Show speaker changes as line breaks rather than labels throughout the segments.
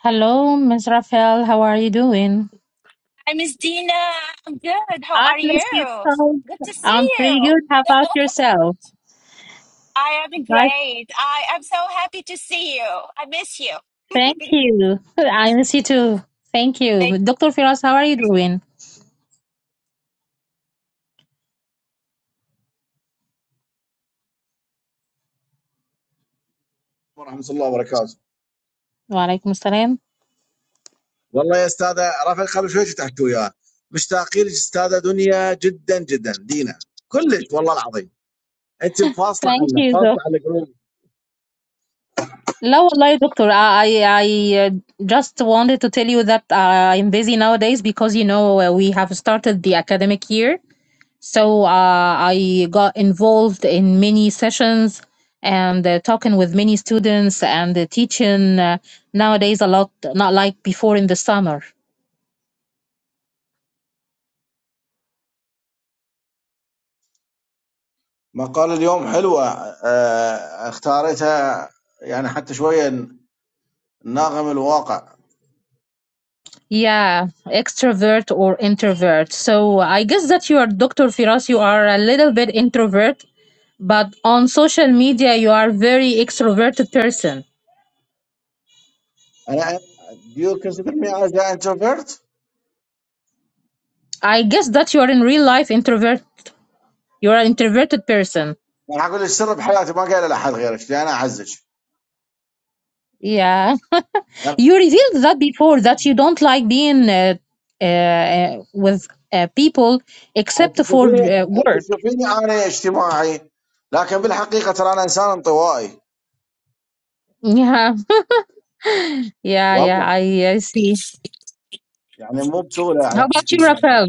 Hello, Miss Rafael. How are you doing?
Hi, Miss Dina. I'm good. How
I
are
miss
you?
you too.
Good to see
I'm pretty
you.
good. How about yourself?
I am
Nice.
great. I am so happy to see you. I miss you.
Thank you. I miss you too. Thank
Like,
you. Dr. Firas, how are you doing?
ورحمة الله وبركاته.
Walaikum salam.
والله يا أستاذة رافع قبل شوي شتحكوا وياه، مشتاقين لك أستاذة دنيا جدا جدا دينا كلش والله العظيم، أنت فاصلة
Thank
عنا
you.
فاصلة
doc-
عن القلوب.
لا والله doctor I I uh, just wanted to tell you that uh, I'm busy nowadays because you know uh, we have started the academic year So uh, I got involved in many sessions and uh, talking with many students and uh, teaching uh, nowadays a lot, not like before in the summer.
مقال اليوم حلوة آه، اختارتها يعني حتى شوية ناغم الواقع.
Yeah, extrovert or introvert. So I guess that you are Dr. Firas, you are a little bit introvert, but on social media you are very extroverted person.
أنا Do you consider me as an introvert?
I guess that you are in real life introvert. You are an introverted person.
I'm going to tell you the secret of my life. I don't tell anyone
Yeah. you revealed that before that you don't like being uh, uh, uh, with uh, people except
except for
for
me.
uh,
You
work.
see, you see, I'm an extrovert. But in reality, I'm a shy
Yeah, yeah, yeah.
person.
I, I see.
يعني مو بسهوله
How
يعني
about
احكي
you,
لي هناك هذا
Rafael?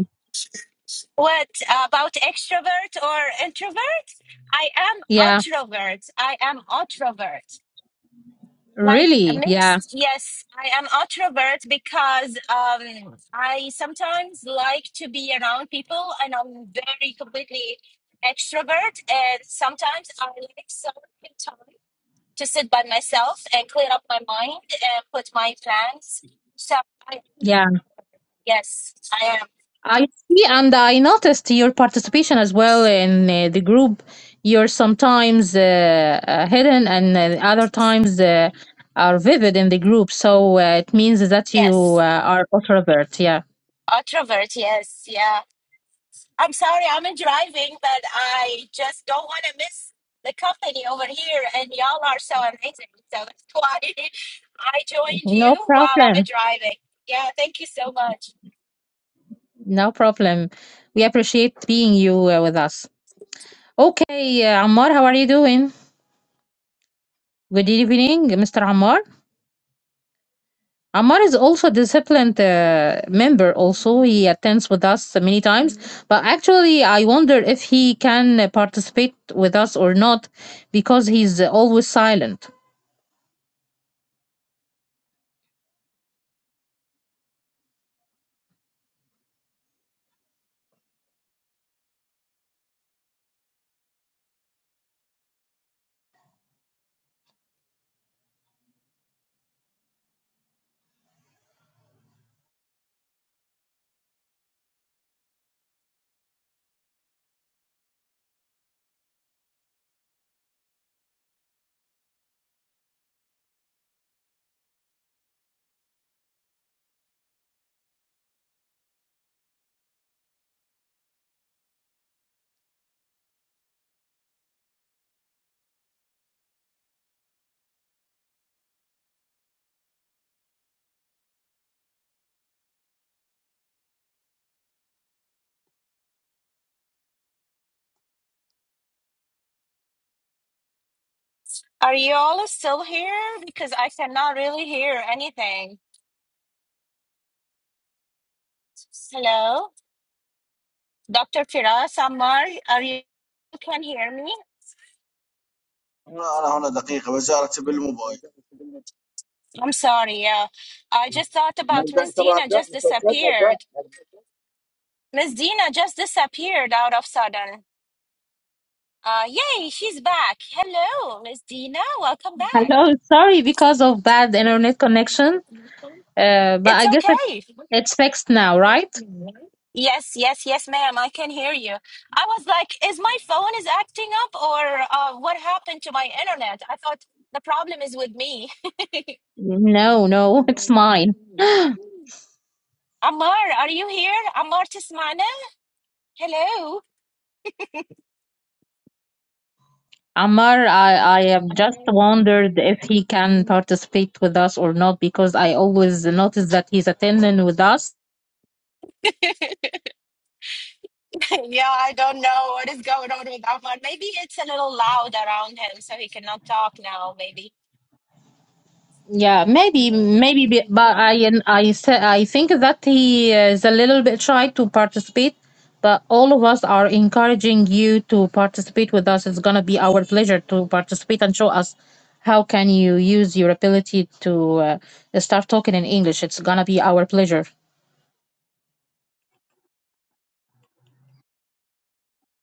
what about extrovert or introvert? I am
Yeah,
introvert. I am introvert. Like
really. Yeah,
mixed. Yes, I am introvert because um, I sometimes like to be around people, and I'm very completely extrovert. And sometimes I like solitary time to sit by myself and clear up my mind and put my plans. So, I,
yeah.
yes, I am.
I see, and I noticed your participation as well in uh, the group. You're sometimes uh, uh, hidden, and uh, other times uh, are vivid in the group. So uh, it means that you
Yes,
uh, are introvert. Yeah,
introvert. Yes, yeah. I'm sorry, I'm driving, but I just don't want to miss the company over here. And y'all are so amazing. So that's why I joined
no
you while I'm
problem.
driving. Yeah, thank you so much.
No problem. We appreciate being you uh, with us. Okay, uh, Ammar, how are you doing? Good evening, Mr. Ammar. Ammar is also a disciplined uh, member. Also, he attends with us many times. But actually, I wonder if he can uh, participate with us or not, because he's uh, always silent.
Are you all still here? Because I cannot really hear anything. Hello, Dr. Firas Ammar, are you? You can hear me?
انا هنا دقيقه وزاره بالموبايل
I'm sorry. Yeah, I just thought about
نبدا ان
Miss
شاء الله
Dina
نبدا
just
نفكر نبدا
disappeared. Miss Dina just disappeared out of sudden. Uh, yay, she's back. Hello, Miss Dina. Welcome back.
Hello, sorry because of bad internet connection. Uh, but
It's
I guess it,
okay.
it's fixed now, right?
Yes, yes, yes, ma'am. I can hear you. I was like, is my phone is acting up or uh, what happened to my internet? I thought the problem is with me.
No, no, it's mine.
Amar, are you here? Amar Tismana? Hello.
Amar, I, I have just wondered if he can participate with us or not because I always notice that he's attending with us.
Yeah, I don't know what is going on with that Maybe it's a little loud around him, so he cannot talk now, maybe.
Yeah, maybe, maybe, be- but I, I, sa- I think that he is a little bit shy to participate. But all of us are encouraging you to participate with us. It's gonna be our pleasure to participate and show us how can you use your ability to uh, start talking in English. It's gonna be our pleasure.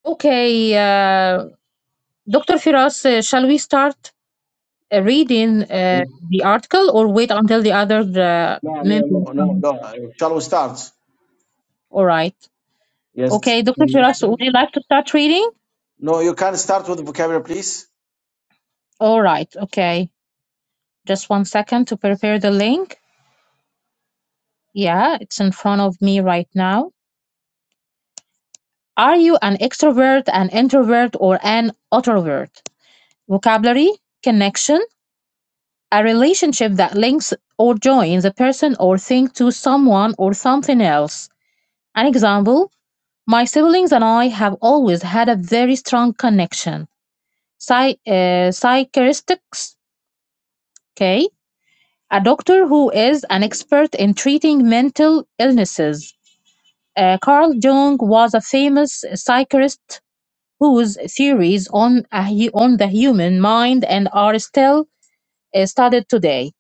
Okay, uh, Dr. Firas, uh, shall we start uh, reading uh, the article or wait until the other uh,
لا نو
member
نو نو
comes?
نو shall we start
All right.
yes
Okay, Dr. Firas,
connection
would you like to start reading?
no you can start with vocabulary please
All right. Okay. Just one second to prepare the link. Yeah, it's in front of me right now. Are you an extrovert, an introvert, or an introvert? Vocabulary, connection, a relationship that links or joins a person or thing to someone or something else. An example My siblings and I have always had a very strong connection. Psy- uh, psychiatrists, okay, a doctor who is an expert in treating mental illnesses. Uh, Carl Jung was a famous psychiatrist whose theories on, a hu- on the human mind and are still uh, studied today.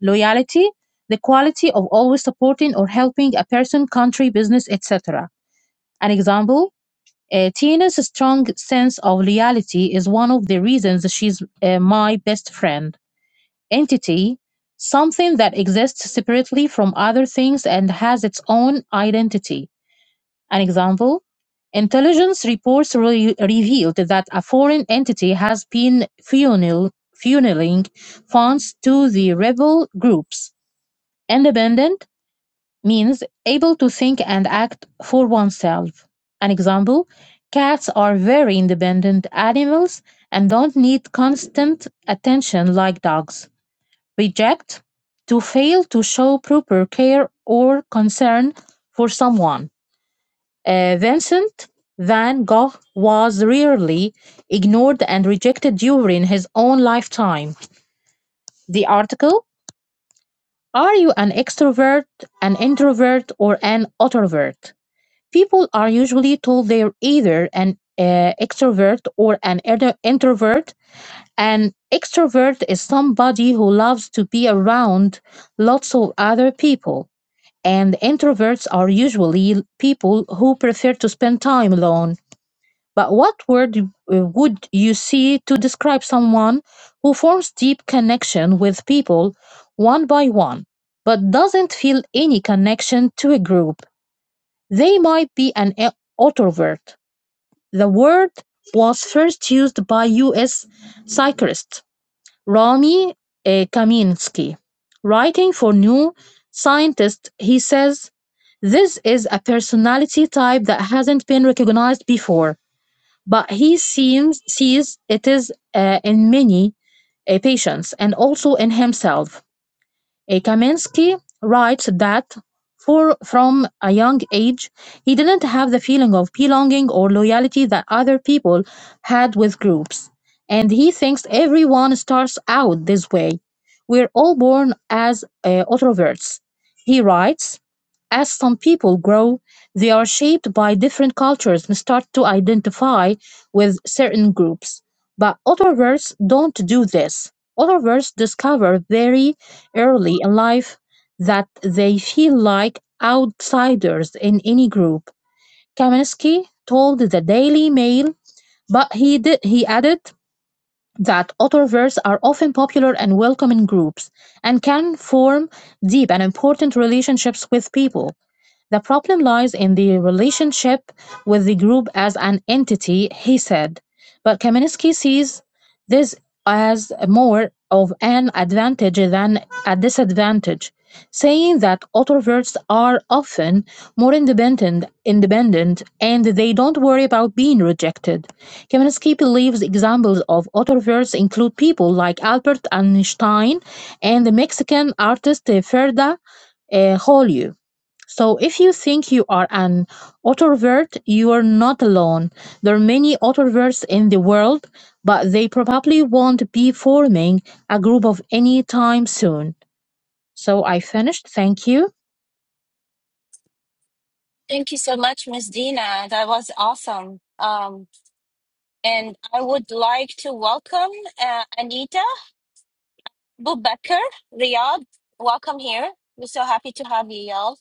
Loyalty, the quality of always supporting or helping a person, country, business, etc. An example Uh, Tina's strong sense of reality is one of the reasons she's uh, my best friend. Entity, something that exists separately from other things and has its own identity. An example intelligence reports re- revealed that a foreign entity has been funnel- funneling funds to the rebel groups. Independent, means able to think and act for oneself. An example cats are very independent animals and don't need constant attention like dogs. Reject to fail to show proper care or concern for someone. Uh, Vincent van Gogh was rarely ignored and rejected during his own lifetime. The article Are you an extrovert, an introvert, or an introvert? People are usually told they're either an uh, extrovert or an inter- introvert. An extrovert is somebody who loves to be around lots of other people, and introverts are usually people who prefer to spend time alone. But what word uh, would you see to describe someone who forms deep connection with people one by one, but doesn't feel any connection to a group? They might be an e- introvert the word was first used by U. S. psychiatrist Rami eh, Kaminsky. Writing for New Scientist, he says, This is a personality type that hasn't been recognized before, but he seems sees it is uh, in many uh, patients and also in himself. Eh, Kaminsky writes that for, from a young age, he didn't have the feeling of belonging or loyalty that other people had with groups. And he thinks everyone starts out this way. We're all born as uh, introverts. He writes, as some people grow, they are shaped by different cultures and start to identify with certain groups. But others don't do this. Others discover very early in life that they feel like outsiders in any group. Kaminsky told the Daily Mail, but he did, he added that others are often popular and welcome in groups and can form deep and important relationships with people the problem lies in the relationship with the group as an entity, he said. But Kaminsky sees this as more of an advantage than a disadvantage, saying that autoverts are often more independent, independent and they don't worry about being rejected. Kaminsky believes examples of autoverts include people like Albert Einstein and the Mexican artist Frida uh, Kahlo. So, if you think you are an autorovert, you are not alone. There are many autoroverts in the world, but they probably won't be forming a group of any time soon. So, I finished. Thank you.
Thank you so much, Miss Dina. That was awesome. Um, and I would like to welcome uh, Anita Bubecker, Riyadh. Welcome here. We're so happy to have you, y'all.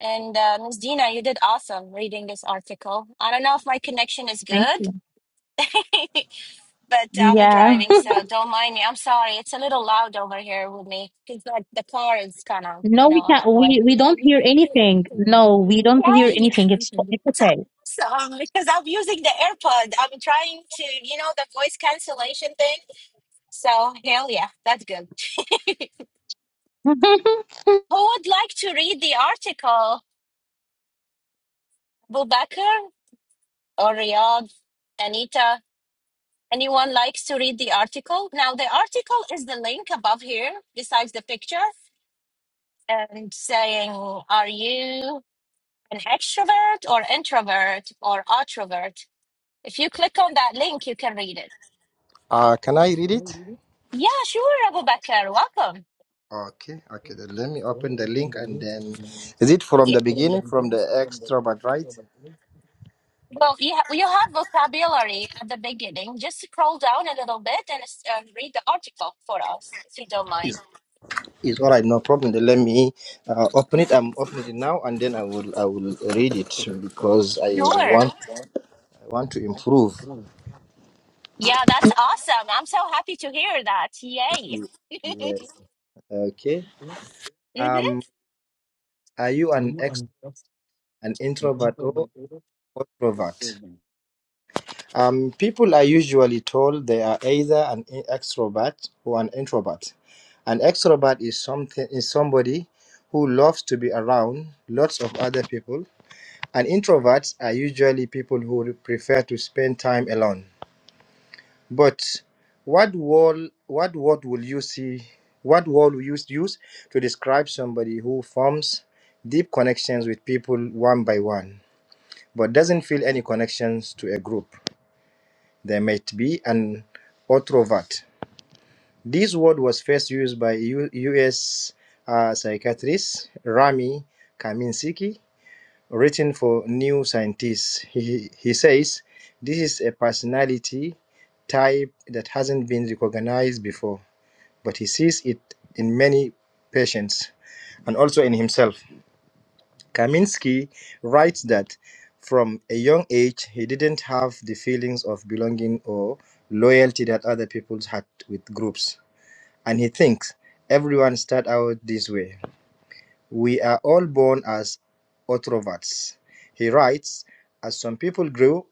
And uh, Ms. Dina, you did awesome reading this article. I don't know if my connection is good, but I'm
Yeah.
driving, so don't mind me. I'm sorry. It's a little loud over here with me because like the car is kind of,
No.
you know, on highway. Yay! That's awesome because I'm using the AirPod. I'm trying to, you know, the voice cancellation thing. So hell yeah, that's good. Who would like to read the article? Bubakar or Riyadh? Anita? Anyone likes to read the article? Now the article is the link above here besides the picture. and saying, Are you an extrovert or introvert or outrovert? If you click on that link, you can read it.
Uh, can I read it?
Yeah, sure, Abu Bakr. Welcome.
Okay, okay. Then let me open the link and then is it from
Yeah.
the beginning, from the extra
Well,
but right?
you, ha- you have vocabulary at the beginning. Just scroll down a little bit and uh, read the article for us, if you don't mind.
Is is all right? No problem. Then let me uh, open it. I'm opening it now, and then I will I will read it because I
Sure.
want I want to improve.
Yeah, that's awesome. I'm so happy to hear that. Yay.
Yes. Okay.
hmm
Um, are you an ex an introvert or extrovert? Um, people are usually told they are either an in- extrovert or an introvert. An extrovert is something is somebody who loves to be around lots of other people. And introverts are usually people who prefer to spend time alone. But what word what word will you see? What word will you use to describe somebody who forms deep connections with people one by one, but doesn't feel any connections to a group? They might be an introvert. This word was first used by U- U.S. uh, psychiatrist Rami Kaminsky, written for New Scientist. He, he says this is a personality type that hasn't been recognized before, but he sees it in many patients and also in himself. Kaminsky writes that from a young age he didn't have the feelings of belonging or loyalty that other people had with groups. And he thinks everyone start out this way. We are all born as introverts. He writes, as some people grow,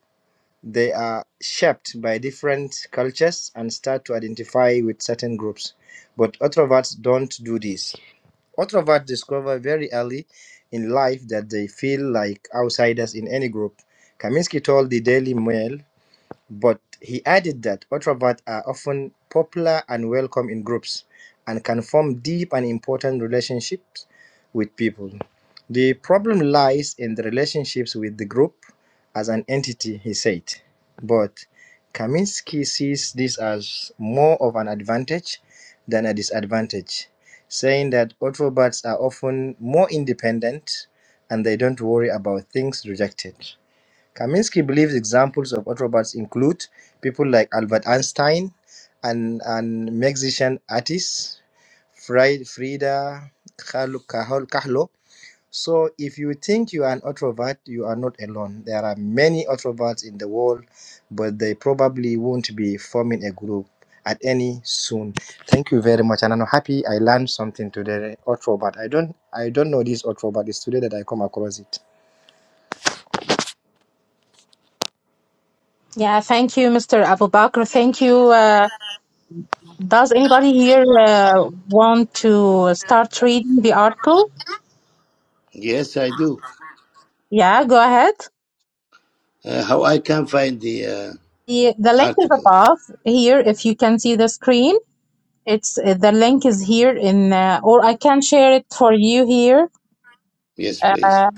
they are shaped by different cultures and start to identify with certain groups. But introverts don't do this. Introverts discover very early in life that they feel like outsiders in any group. Kaminsky told the Daily Mail but he added that introverts are often popular and welcome in groups and can form deep and important relationships with people. The problem lies in the relationships with the group as an entity, he said. But Kaminsky sees this as more of an advantage than a disadvantage, saying that introverts are often more independent and they don't worry about things rejected. Kaminsky believes examples of introverts include people like Albert Einstein and, and musician artist Fri- Frida Kahlo. Kahlo- Kahlo. So, if you think you are an introvert, you are not alone. There are many introverts in the world, but they probably won't be forming a group at any soon. Thank you very much, and I'm happy I learned something today. Introvert. I don't I don't know this introvert. It's today that I come across it.
Yeah, thank you, Mr. Abu Bakr. Thank you. Uh, does anybody here uh, want to start reading the article?
Yes, I do.
Yeah, go ahead.
Uh, how I can find the uh,
The, the link is
article?
above here if you can see the screen. It's uh, the link is here in, uh, or I can share it for you here
Yes, please.
uh,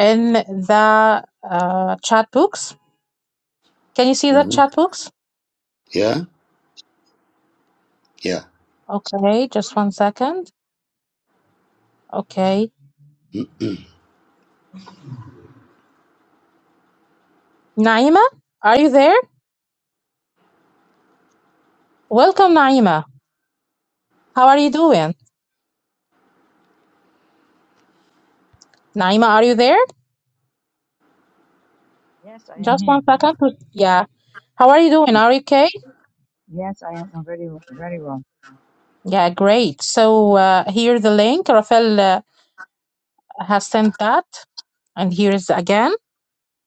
in the uh, chat box. Can you see the
hmm
chat box?
Yeah, yeah.
Okay, just one second. Okay,
Mm,
Naima, are you there? Welcome, Naima. How are you doing? Naima, are you there?
Yes, I am
Just
here.
one second. to- Yeah. How are you doing? Are you okay?
Yes, I am very, very well.
Yeah, great. So uh, here the link. Rafael uh, has sent that, and here is again.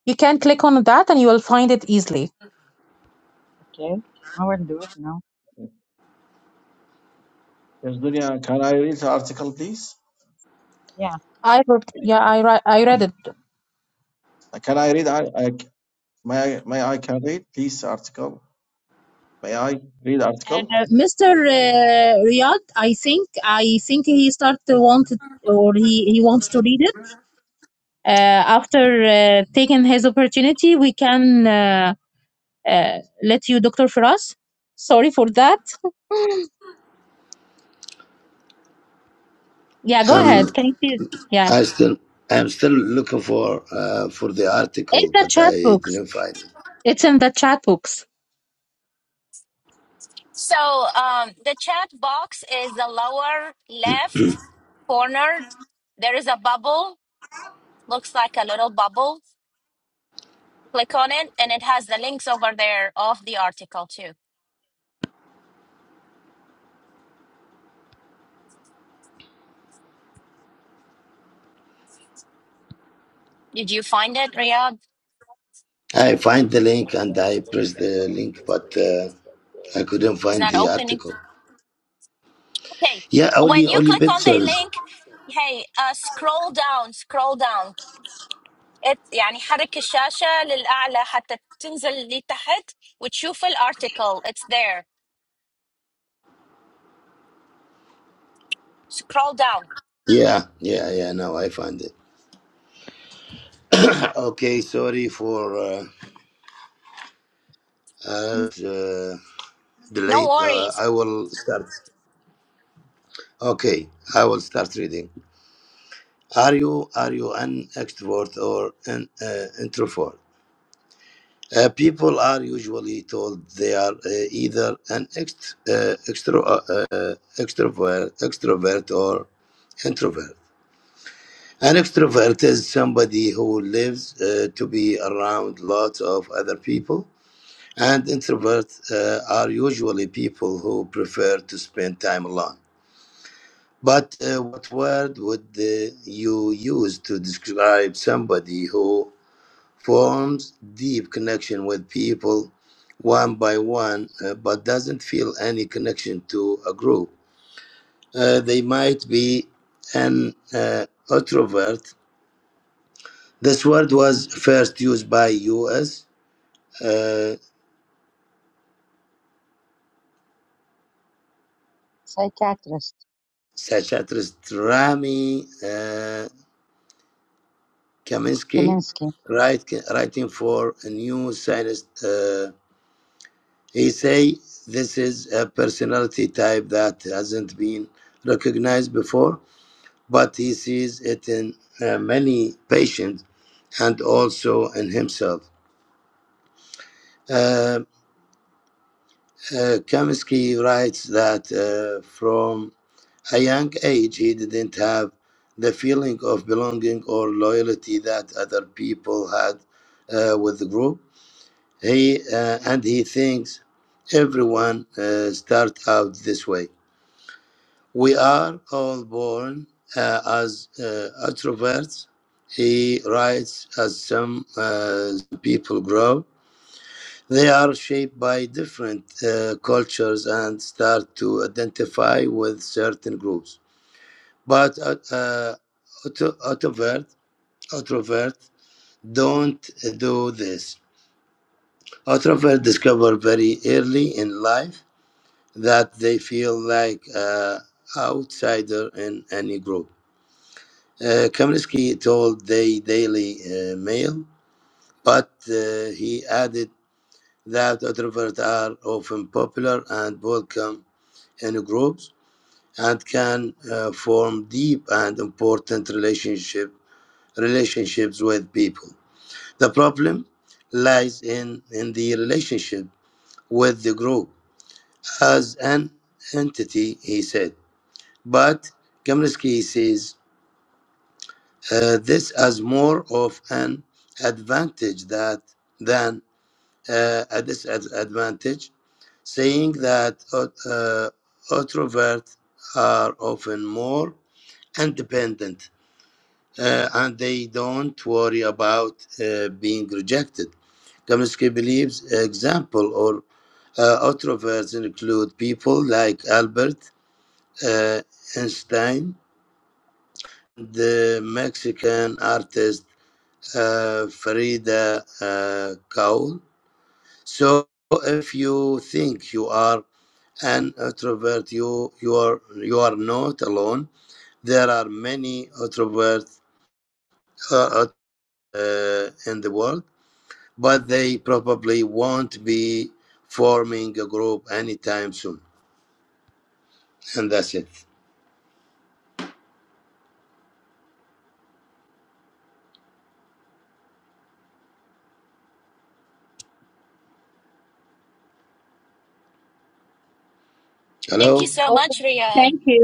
You can click on that, and you will find it easily.
Okay. I will do it now.
yes dunya can I read the article please
Yeah.
I read, yeah, I read, I read it.
can I read I, I may I may I can read please article may I read article
Uh, Mr. Uh, Riyad, I think I think he started to want it, or he, he wants to read it. Uh, after uh, taking his opportunity, we can uh, uh, let you, Dr. Firas. Sorry for that. Yeah, go ahead.
Um,
Can you? Yeah,
I still, I'm still looking for uh, for the
in
article,
the
but
chat
I
box.
didn't find it.
It's in the chat box.
So um, the chat box is the lower left corner. There is a bubble, looks like a little bubble. Click on it, and it has the links over there of the article too. Did you find it, Riyadh?
I find the link and I press the link, but uh, I couldn't
Is
find
not
the
opening.
article.
Okay,
Yeah, only
when you
only
click on the
pictures.
link, hey, uh, scroll down, scroll down. It, يعني حرك الشاشة للأعلى حتى تنزل لتحت وتشوف الارticle. It's there. Scroll down.
Yeah, yeah, yeah. Now I find it. Okay, sorry for uh, uh, uh,
No
delayed. Uh,
worries.
I will start. Okay, I will start reading. Are you are you an extrovert or an uh, introvert? Uh, people are usually told they are uh, either an ext, uh, extro, uh, uh, extrovert, extrovert or introvert. An extrovert is somebody who lives uh, to be around lots of other people, and introverts uh, are usually people who prefer to spend time alone. But uh, what word would uh, you use to describe somebody who forms deep connection with people one by one, uh, but doesn't feel any connection to a group? Uh, they might be an uh, introvert. This word was first used by U.S. Uh,
Psychiatrist
psychiatrist Rami uh, Kaminsky,
Kaminsky.
write, writing for a new science. Uh, He say this is a personality type that hasn't been recognized before, but he sees it in uh, many patients and also in himself. Uh, uh, Kamsky writes that uh, from a young age he didn't have the feeling of belonging or loyalty that other people had uh, with the group. He uh, and he thinks everyone uh, start out this way. We are all born uh, as uh, introverts. He writes as some uh, people grow. They are shaped by different uh, cultures and start to identify with certain groups. But uh, uh, auto- introvert, introvert don't do this. Introvert discover very early in life that they feel like uh, outsider in any group Uh, Kaminsky told the Daily uh, Mail, but uh, he added that introverts are often popular and welcome in groups and can uh, form deep and important relationship relationships with people. The problem lies in, in the relationship with the group as an entity, he said. But Kaminsky says uh, this as more of an advantage that than uh, a disadvantage, saying that uh, uh, introverts are often more independent uh, and they don't worry about uh, being rejected. Kaminsky believes example or uh, introverts include people like Albert uh, Einstein, the Mexican artist uh, Farida uh, Kaul. So if you think you are an introvert, you you are you are not alone. There are many introverts uh, uh, in the world, but they probably won't be forming a group anytime soon. And that's it.
Thank you
Hello.
so
Okay.
much, Ria.
Thank you.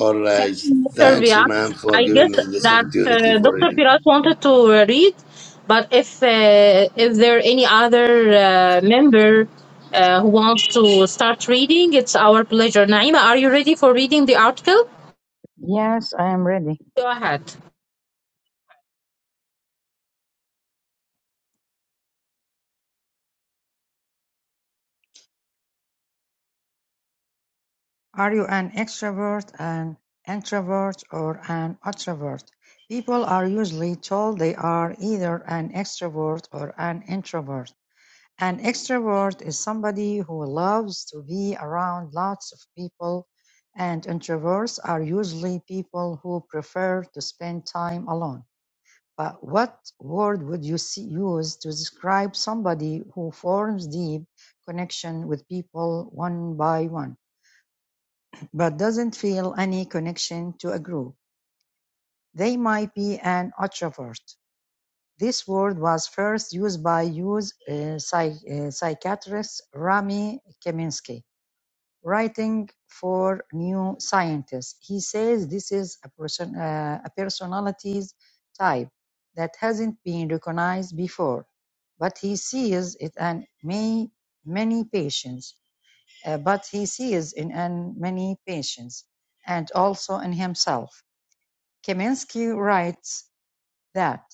All
Thank
right.
you, Mr.
Thanks,
Vian.
man, for
I
giving
guess
me this
that uh,
opportunity for
Dr.
reading.
Firas wanted to uh, read, but if uh, if there are any other uh, member uh, who wants to start reading, it's our pleasure. Naima, are you ready for reading the article?
Yes, I am ready.
Go ahead.
Are you an extrovert, an introvert, or an introvert? People are usually told they are either an extrovert or an introvert. An extrovert is somebody who loves to be around lots of people, and introverts are usually people who prefer to spend time alone. But what word would you see, use to describe somebody who forms deep connection with people one by one, but doesn't feel any connection to a group? They might be an introvert. This word was first used by US uh, psych- uh, psychiatrist Rami Kaminsky writing for New Scientist. He says this is a, person, uh, a personalities type that hasn't been recognized before, but he sees it in may, many patients, uh, but he sees in an many patients and also in himself. Kaminsky writes that.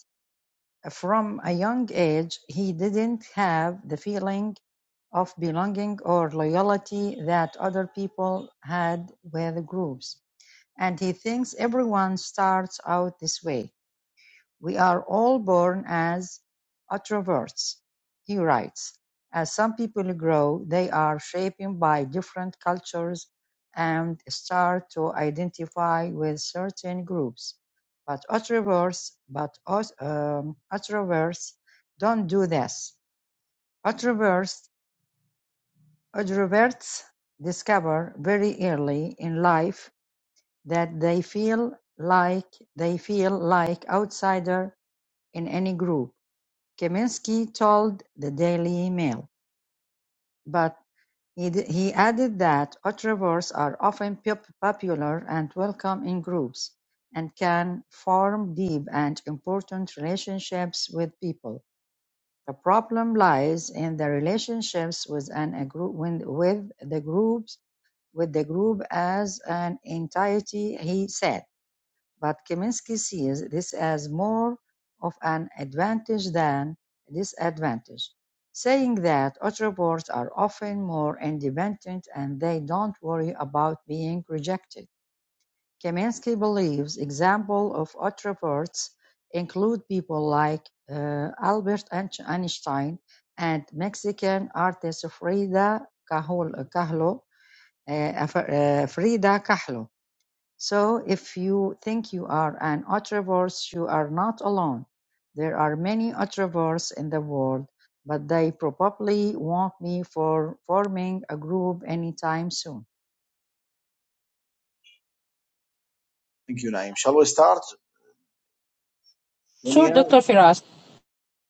From a young age, he didn't have the feeling of belonging or loyalty that other people had with groups. And he thinks everyone starts out this way. "We are all born as introverts," he writes. "As some people grow, they are shaped by different cultures and start to identify with certain groups. But introverts, but um, introverts don't do this. Introverts, introverts discover very early in life that they feel like they feel like outsider in any group Kaminsky told the "Daily Mail", but he he added that "Retrievers are often popular and welcome in groups, and can form deep and important relationships with people. The problem lies in the relationships with an agru- when- with the groups with the group as an entity," he said. But Kaminsky sees this as more of an advantage than a disadvantage, saying that Autobots are often more independent and they don't worry about being rejected. Kaminsky believes examples of Autobots include people like uh, Albert Einstein and Mexican artist Frida Kahlo, uh, Frida Kahlo so if you think you are an Ultraverse, you are not alone. There are many Ultraverse in the world, but they probably won't be for forming a group anytime soon.
thank you Naim shall we start
Sure,
dunya
Dr. Firas.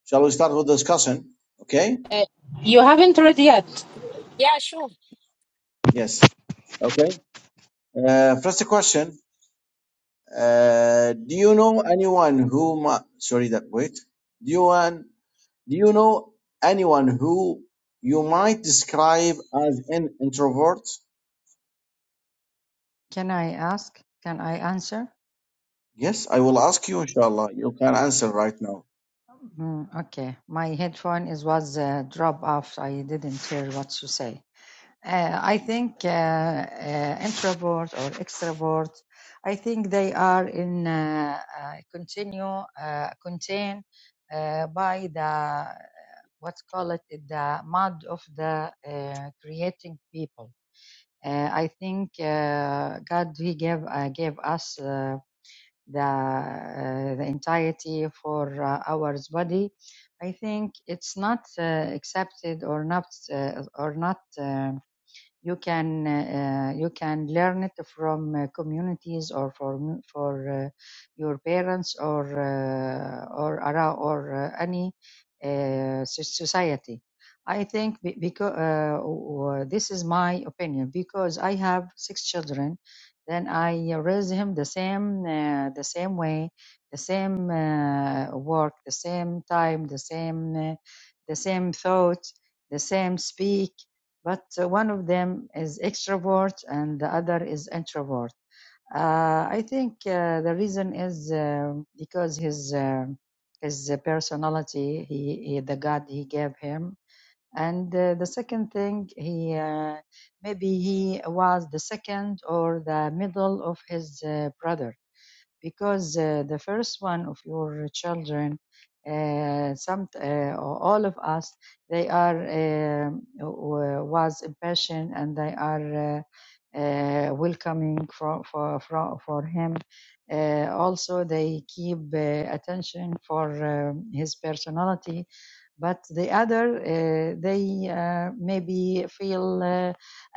shall we start with discussion okay
Uh, you haven't read yet.
Yeah, sure.
yes okay uh, first question Uh, do you know anyone who mi- sorry that wait do you want, do you know anyone who you might describe as an introvert
Can I ask? Can I answer?
yes I will ask you inshallah you can answer right now
Mm, okay. My headphone is was uh, drop off. I didn't hear what you say. Uh, I think uh, uh, introvert or extrovert, I think they are in uh, uh, continue uh, contain uh, by the uh, what's called it the mud of the uh, creating people. Uh, I think uh, God He gave uh, gave us uh, the uh, the entirety for uh, our body. I think it's not uh, accepted or not uh, or not. Uh, you can uh, you can learn it from uh, communities or from for uh, your parents or uh, or around or uh, any uh, so- society i think because uh, this is my opinion because i have six children then i raise him the same uh, the same way the same uh, work the same time the same uh, the same thought the same speak but uh, one of them is extrovert and the other is introvert. Uh, I think uh, the reason is uh, because his uh, his personality, he, he the God he gave him, and uh, the second thing he uh, maybe he was the second or the middle of his uh, brother because uh, the first one of your children uh, some uh, or all of us they are um, was impatient and they are uh, uh, welcoming for for for, for him uh, also they keep uh, attention for um, his personality but the other uh, they uh, maybe feel uh,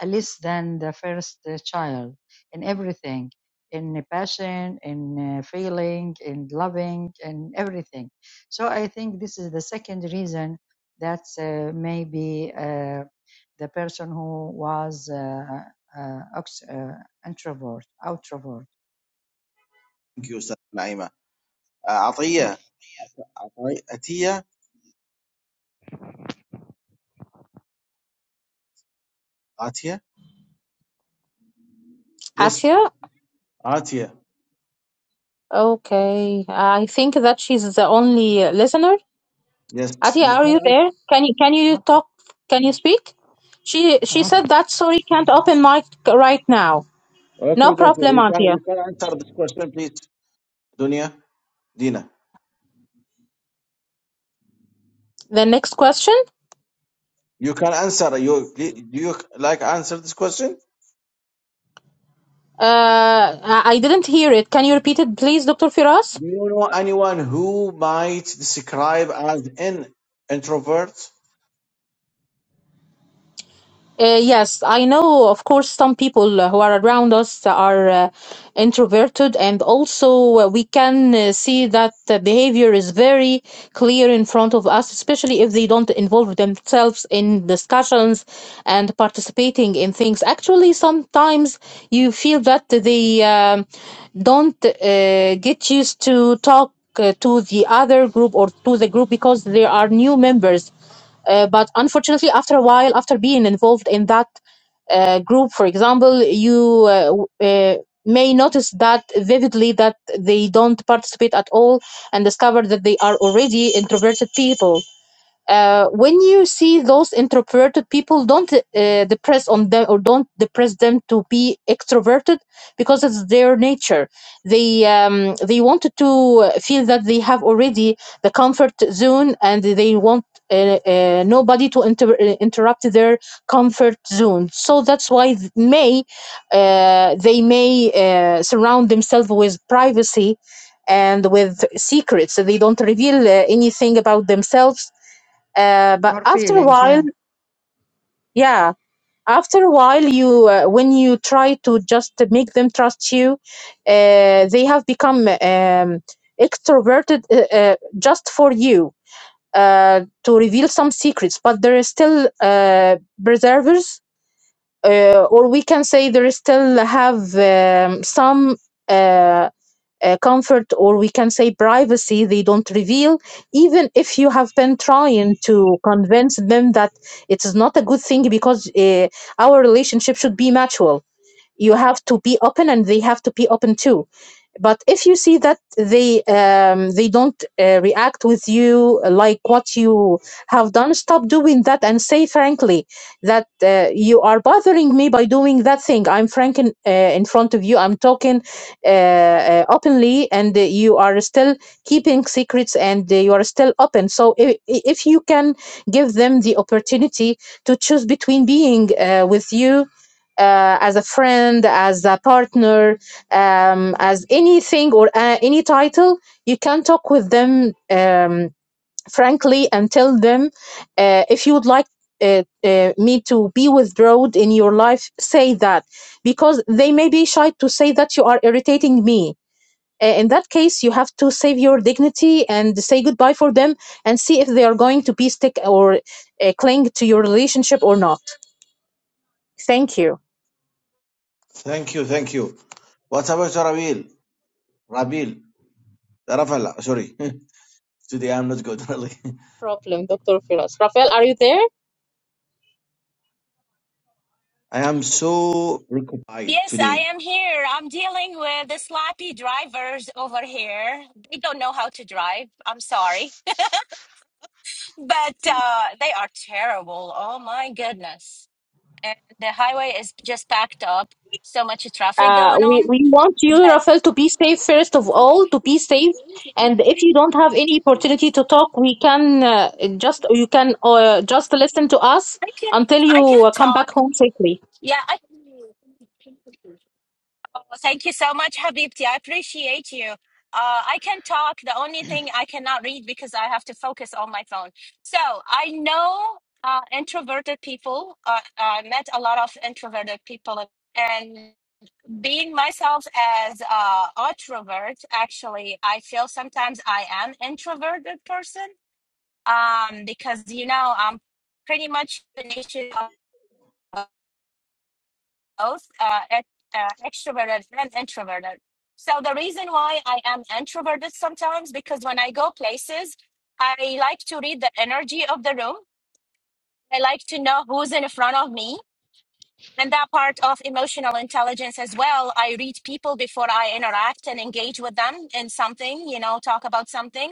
less than the first uh, child in everything in passion, in uh, feeling, in loving, and everything. So I think this is the second reason that uh, maybe uh, the person who was uh, uh, uh, introvert, outrovert,
thank you Ustaz Naima uh, Atiya Ati- Atiya Atiya yes
Atia?
Atiya
Okay. I think that she's the only listener.
yes
Ati,
you
are
can
you
an-
there? Can you can you talk? Can you speak? She she said
or
that sorry can't open mic right now. No
okay don't worry
problem,
you can
Atia.
you can answer this question please Dunya Dina
The next question.
you can answer you do you like answer this question
Uh, I I didn't hear it. Can you repeat it, please, Doctor Firas?
Do you know anyone who might describe as an introvert?
Uh, yes, I know, of course, some people uh, who are around us are uh, introverted, and also uh, we can uh, see that the behavior is very clear in front of us, especially if they don't involve themselves in discussions and participating in things. Actually, sometimes you feel that they um, don't uh, get used to talk uh, to the other group or to the group because there are new members uh, but unfortunately, after a while, after being involved in that uh, group, for example, you uh, w- uh, may notice that vividly that they don't participate at all and discover that they are already introverted people uh, when you see those introverted people don't uh, depress on them or don't depress them to be extroverted because it's their nature they um, they wanted to feel that they have already the comfort zone and they want uh, uh, nobody to inter- uh, interrupt their comfort zone so that's why th- may uh, they may uh, surround themselves with privacy and with secrets so they don't reveal uh, anything about themselves uh, but after a
feeling,
while
yeah,
yeah after a while you uh, when you try to just make them trust you uh, they have become um, extroverted uh, uh, just for you uh, to reveal some secrets but there is still uh, preservers uh, or we can say there is still have um, some Uh, uh, comfort or we can say privacy they don't reveal even if you have been trying to convince them that it is not a good thing because uh, our relationship should be mutual you have to be open and they have to be open too but if you see that they um, they don't uh, react with you like what you have done stop doing that and say frankly that uh, you are bothering me by doing that thing i'm frank in, uh, in front of you i'm talking uh, uh, openly and uh, you are still keeping secrets and uh, you are still open so if, if you can give them the opportunity to choose between being uh, with you uh, as a friend as a partner um, as anything or uh, any title. You can talk with them um, frankly and tell them uh, if you would like uh, uh, me to be withdrawn in your life, say that because they may be shy to say that you are irritating me. Uh, In that case, you have to save your dignity and say goodbye for them and see if they are going to be stick or uh, cling to your relationship or not. Thank you.
Thank you, thank you. What about Rabil? Rabil, Rafael, sorry. today I'm not good, really.
Problem, Dr. Firas. Rafael, are you there?
I am so preoccupied
Yes, I
today.
am here. I'm dealing with the sloppy drivers over here. They don't know how to drive. I'm sorry, but uh, they are terrible. Oh my goodness. And the highway is just packed up. So much traffic
uh,
going
we,
on.
we want you,
But
Rafael, to be safe first of all, to be safe. And if you don't have any opportunity to talk, we can uh, just you can uh, just listen to us
I can
until
I
you
can
uh, come back
talk.
home safely.
Yeah, I. Well, thank you so much, Habibti. I appreciate you. Uh, I can talk. The only thing I cannot read because I have to focus on my phone. So I know uh, introverted people. Uh, I met a lot of introverted people, and being myself as uh, introvert, actually, I feel sometimes I am introverted person um, because you know I'm pretty much the nature both uh, ex- uh, extroverted and introverted. So the reason why I am introverted sometimes because when I go places, I like to read the energy of the room. I like to know who's in front of me. And that part of emotional intelligence as well. I read people before I interact and engage with them in something, you know, talk about something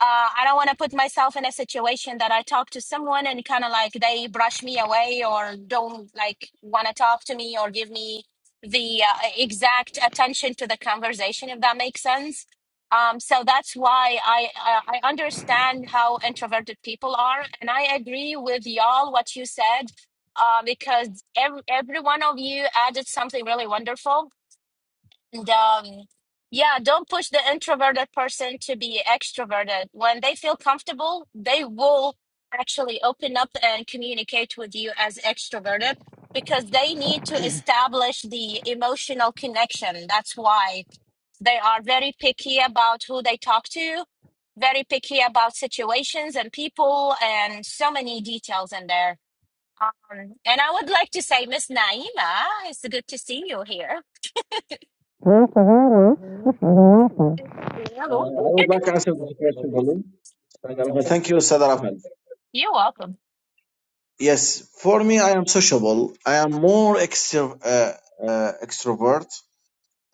uh, I don't want to put myself in a situation that I talk to someone and kind of like they brush me away or don't like want to talk to me or give me the uh, exact attention to the conversation, if that makes sense. Um, so that's why I, I I understand how introverted people are, and I agree with y'all what you said uh, because every, every one of you added something really wonderful and um, yeah, don't push the introverted person to be extroverted. When they feel comfortable, they will actually open up and communicate with you as extroverted because they need to establish the emotional connection. That's why they are very picky about who they talk to, very picky about situations and people, and so many details in there. Um, and I would like to say, Miss Naima, it's good to see you here.
Uh, I
Hello.
would like to answer this question, Balloon. Thank you, Ustad Rafael.
You're welcome.
Yes, for me, I am sociable. I am more extro- uh, uh, extrovert.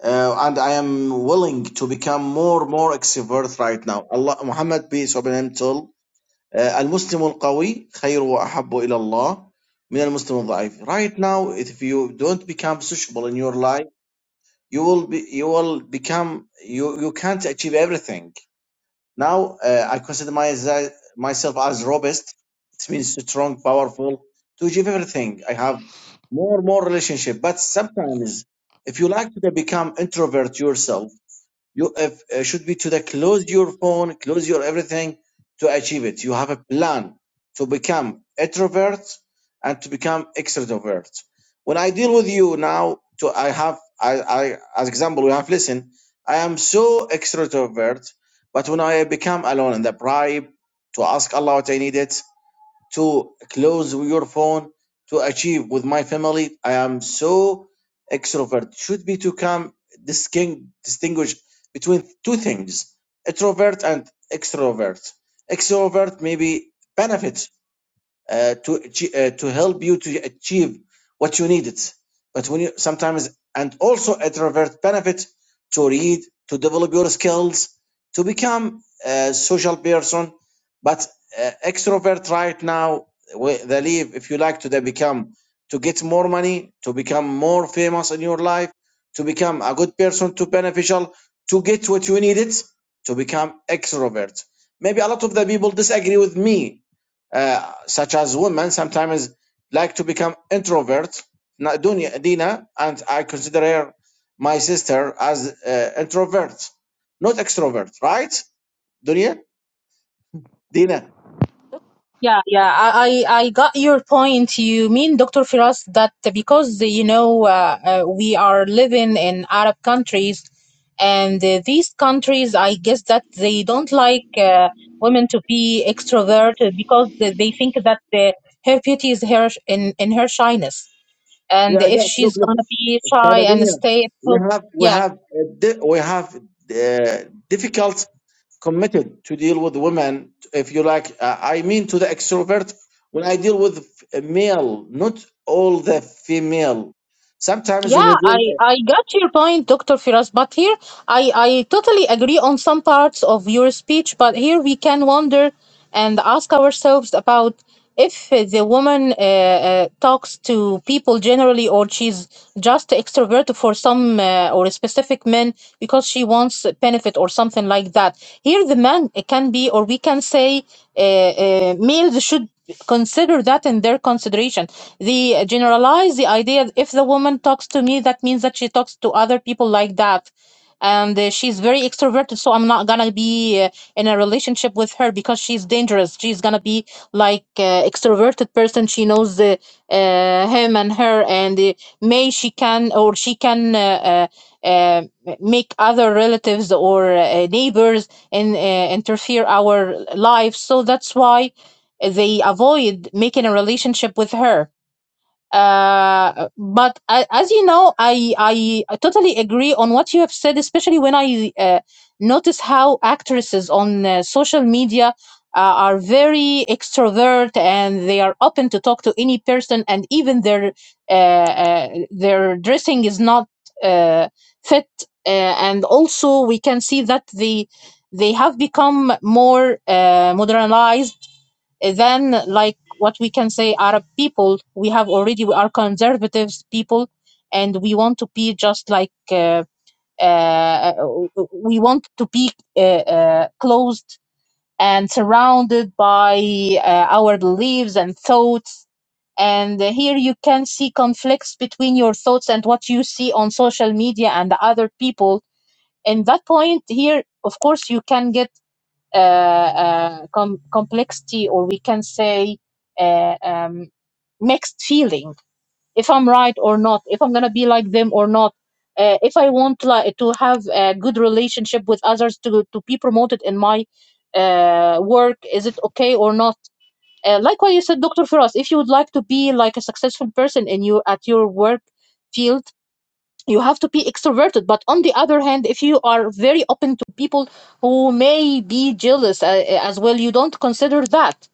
uh, and I am willing to become more more extrovert right now. Allah Muhammad peace upon him told uh, المسلم القوي خير وأحب إلى الله من المسلم الضعيف. Right now, if you don't become sociable in your life, you will be you will become you you can't achieve everything. Now uh, I consider my, myself as robust. It means strong, powerful to achieve everything. I have more more relationship, but sometimes if you like to become introvert yourself you if, uh, should be to the close your phone, close your everything to achieve it. You have a plan to become introvert and to become extrovert. When I deal with you now, to I have I, I as example we have listen. I am so extrovert, but when I become alone in the bribe to ask Allah what I needed, to close your phone to achieve with my family. I am so extrovert. Should be to come disting- distinguish between two things: introvert and extrovert. Extrovert maybe benefits uh, to uh, to help you to achieve what you needed. But when you sometimes and also a introvert benefit to read, to develop your skills, to become a social person. But uh, extrovert right now, they leave if you like to they become to get more money, to become more famous in your life, to become a good person, to beneficial, to get what you needed, to become extrovert. Maybe a lot of the people disagree with me uh, such as women sometimes like to become introverts. Na- Dunya, Dina and I consider her my sister as uh, introvert, not extrovert, right? Dunya, Dina.
Yeah, yeah, I, I I got your point. You mean, Dr. Firas, that because, you know, uh, uh, we are living in Arab countries, and uh, these countries, I guess that they don't like uh, women to be extroverted because they they think that uh, her beauty is her sh- in, in her shyness. And
Yeah,
if
yeah. Look,
she's
look,
gonna be shy
Sada
and
Dunya.
stay at
We
home,
have we
yeah,
have uh, di- we have uh, difficult committed to deal with women. If you like, uh, I mean to the extrovert when I deal with f- male, not all the female. Sometimes when
Yeah,
you do. uh,
I, I got your point, Dr. Firas, but here I, I totally agree on some parts of your speech, but here we can wonder and ask ourselves about if uh, the woman uh, uh, talks to people generally or she's just extrovert for some some uh, or specific men because she wants benefit or something like that. Here, the man can be, or we can say, uh, uh, males should consider that in their consideration. They generalize the idea if the woman talks to me, that means that she talks to other people like that. And uh, she's very extroverted, so I'm not gonna be uh, in a relationship with her because she's dangerous. She's gonna be like uh, extroverted person. She knows the, uh, him and her, and uh, may she can or she can uh, uh, uh, make other relatives or uh, neighbors and uh, interfere our lives so that's why they avoid making a relationship with her uh but I, as you know i i I totally agree on what you have said especially when i uh, notice how actresses on uh, social media uh, are very extrovert and they are open to talk to any person and even their uh, uh, their dressing is not uh, fit uh, and also we can see that they they have become more uh, modernized then like what we can say arab people we have already we are conservatives people and we want to be just like uh, uh, uh, we want to be uh, uh, closed and surrounded by uh, our beliefs and thoughts and here you can see conflicts between your thoughts and what you see on social media and the other people in that point here of course you can get uh, uh, com- complexity or we can say uh, um, mixed feeling if i'm right or not if i'm gonna be like them or not uh, if i want like, to have a good relationship with others to, to be promoted in my uh, work is it okay or not uh, like what you said dr firas if you would like to be like a successful person in you at your work field you have to be extroverted but on the other hand if you are very open to people who may be jealous uh, uh, as well you don't consider that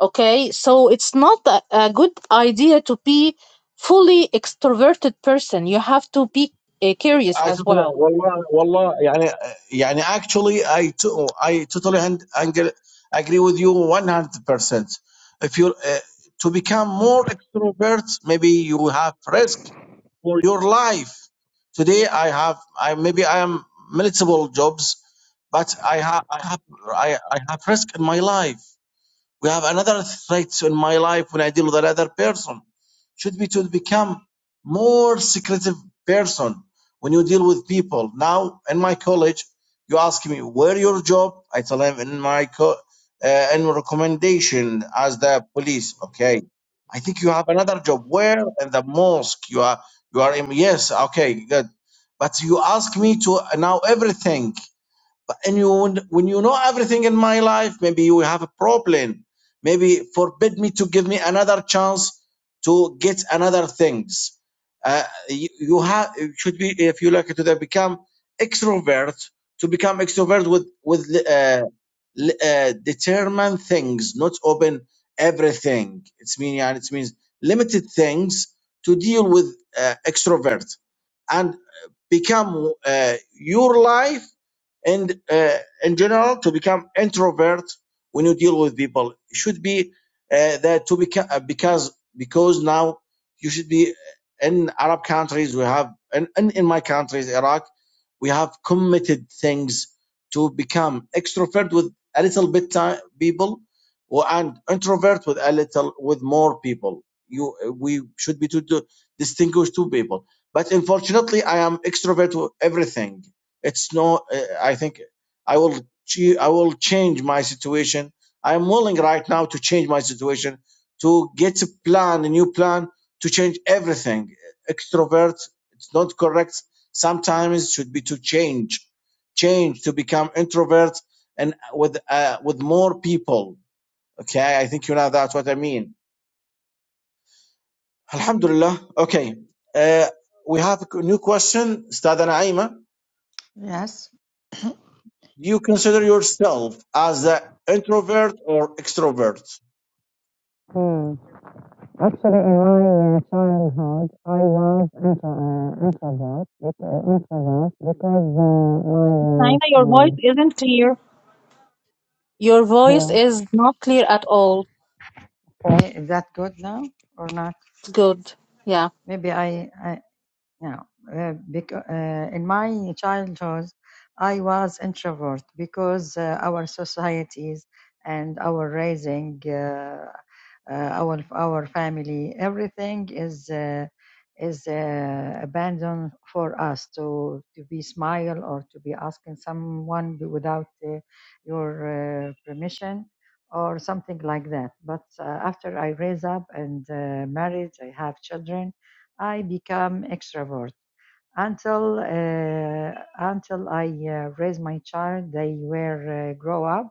okay so it's not a, a good idea to be fully extroverted person you have to be uh, curious
I
as
totally
well
والله والله يعني يعني actually I to, I totally and, and agree with you 100%. If you uh, to become more extrovert, maybe you have risk for your life. Today I have I maybe I am multiple jobs, but I have I have I, I have risk in my life. We have another threat in my life when I deal with another person. Should be to become more secretive person when you deal with people. Now in my college, you ask me where your job. I tell him in my co- uh, in recommendation as the police. Okay, I think you have another job. Where in the mosque you are? You are in yes. Okay, good. But you ask me to now everything. But and you when you know everything in my life maybe you have a problem maybe forbid me to give me another chance to get another things uh, you, you have should be if you like to then become extrovert to become extrovert with with uh, uh, determine things not open everything it's mean yeah, it means limited things to deal with uh, extrovert and become uh, your life and uh, in general to become introvert when you deal with people it should be uh, that to become uh, because because now you should be in arab countries we have and, and in my countries iraq we have committed things to become extrovert with a little bit time, people or- and introvert with a little with more people you we should be to, to distinguish two people but unfortunately i am extrovert with everything it's no, uh, I think I will, ch- I will change my situation. I'm willing right now to change my situation to get a plan, a new plan to change everything. Extrovert, it's not correct. Sometimes it should be to change, change to become introvert and with, uh, with more people. Okay. I think you know that's what I mean. Alhamdulillah. Okay. Uh, we have a new question, Stada Naima.
yes,
Do you consider yourself as an introvert or extrovert?
Hmm. Actually, in my uh, childhood, I was intro, uh, introvert, uh, introvert because
Naima,
uh, my uh,
your
um,
voice isn't clear your voice
Hello.
is not clear at all
Okay, is that good now or not?
good yeah
Maybe I, I you know, uh, because, uh, in my childhood, I was introvert because uh, our societies and our raising. Uh, uh, our our family everything is uh, is uh, abandoned for us to to be smile or to be asking someone without uh, your uh, permission or something like that but uh, after i raise up and uh, married i have children i become extrovert until uh, until i uh, raise my child they were uh, grow up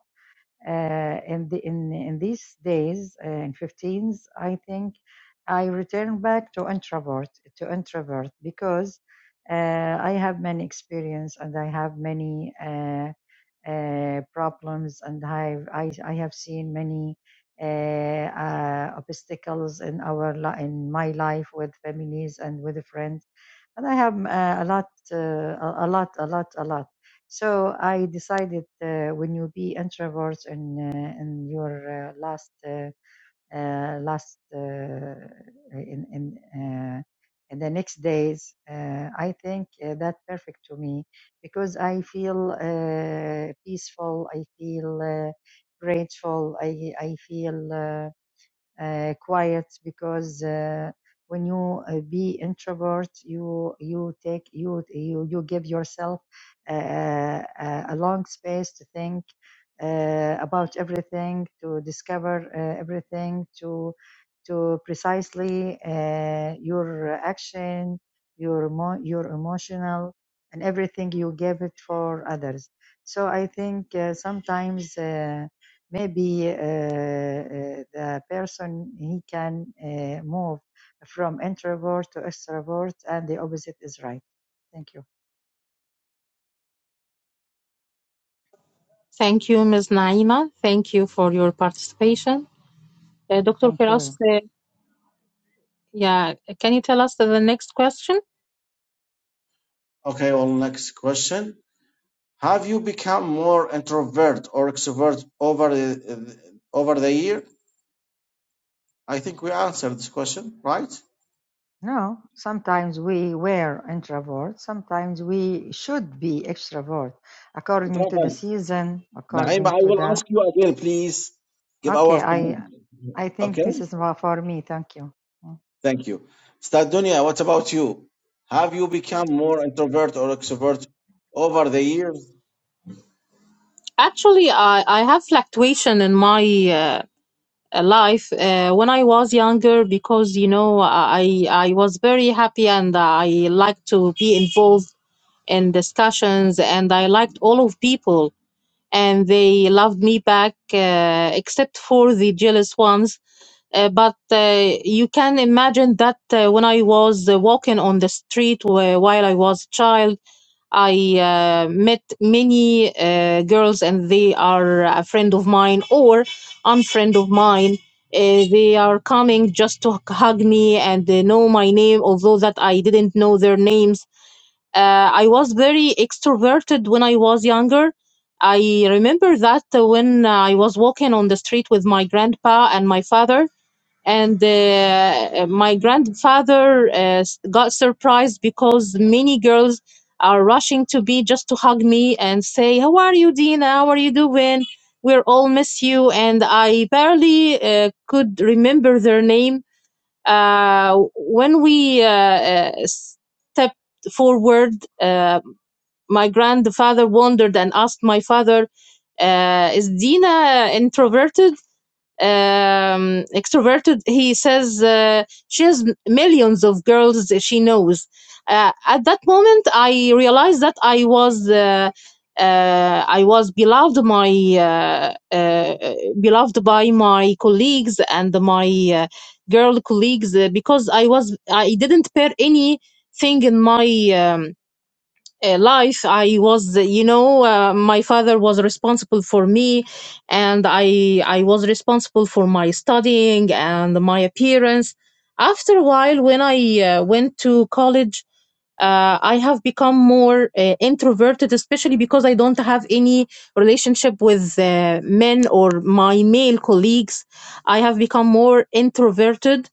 uh, in the in in these days uh, in 15s i think i return back to introvert to introvert because uh, i have many experience and i have many uh, uh, problems and i i, I have seen many uh, uh, obstacles in our li- in my life with families and with friends and I have uh, a lot, uh, a lot, a lot, a lot. So I decided uh, when you be introverts in uh, in your uh, last uh, uh, last uh, in in uh, in the next days, uh, I think uh, that perfect to me because I feel uh, peaceful. I feel uh, grateful. I I feel. Uh, uh, quiet because uh, when you uh, be introvert you you take you you, you give yourself uh, uh, a, long space to think uh, about everything to discover uh, everything to to precisely uh, your action your emo- your emotional and everything you give it for others so i think uh, sometimes uh, maybe uh, uh, the person he can uh, move from introvert to extrovert and the opposite is right thank you
thank you ms naima thank you for your participation uh, dr
thank you very
firas
much
uh, yeah can you tell us the next question
Okay, well, next question. Have you become more introvert or extrovert over the over the year? I think we answered this question, right?
no sometimes we were introvert sometimes we should be extrovert according to the
Travel.
season
Naima,
according
I
to
will
the
ask you again, please. Give our
okay
time.
i i think
Okay,
this is for me thank you
thank you. Ustad Dunya, what about you? Have you become more introvert or extrovert over the years?
Actually, I, I have fluctuation in my uh, uh, life uh, when I was younger because you know I I was very happy and I liked to be involved in discussions and I liked all of people and they loved me back uh, except for the jealous ones uh, but uh, you can imagine that uh, when I was uh, walking on the street wh- while I was a child, I uh, met many uh, girls, and they are a friend of mine or unfriend of mine. Uh, they are coming just to hug me and they know my name, although that I didn't know their names. Uh, I was very extroverted when I was younger. I remember that uh, when uh, I was walking on the street with my grandpa and my father, and uh, my grandfather uh, got surprised because many girls are rushing to be just to hug me and say how are you dina how are you doing we're all miss you and i barely uh, could remember their name uh, when we uh, uh, stepped forward uh, my grandfather wondered and asked my father uh, is dina introverted um, extroverted. He says uh, she has millions of girls she knows. Uh, at that moment, I realized that I was uh, uh, I was beloved my uh, uh, beloved by my colleagues and my uh, girl colleagues uh, because I was I didn't pair anything in my um, uh, life i was you know uh, my father was responsible for me and i i was responsible for my studying and my appearance after a while when i uh, went to college uh, i have become more uh, introverted especially because i don't have any relationship with uh, men or my male colleagues i have become more introverted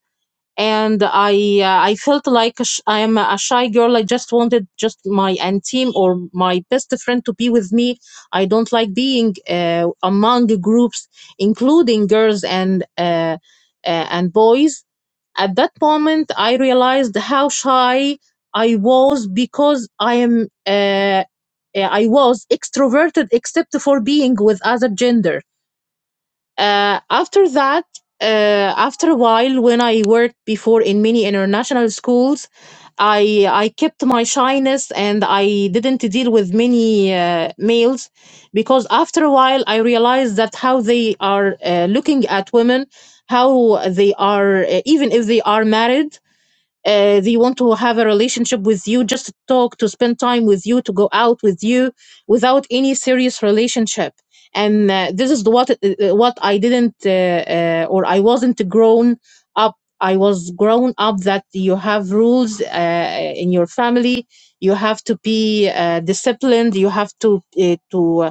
and I uh, I felt like a sh- I am a shy girl. I just wanted just my auntie or my best friend to be with me. I don't like being uh, among groups, including girls and uh, uh, and boys. At that moment, I realized how shy I was because I am uh, uh, I was extroverted except for being with other gender uh, after that, uh, after a while, when I worked before in many international schools, I I kept my shyness and I didn't deal with many uh, males because after a while I realized that how they are uh, looking at women, how they are uh, even if they are married uh, they want to have a relationship with you just to talk to spend time with you to go out with you without any serious relationship and uh, this is the what uh, uh, what i didn't uh, uh, or i wasn't grown up i was grown up that you have rules uh, in your family you have to be uh, disciplined you have to uh, to uh,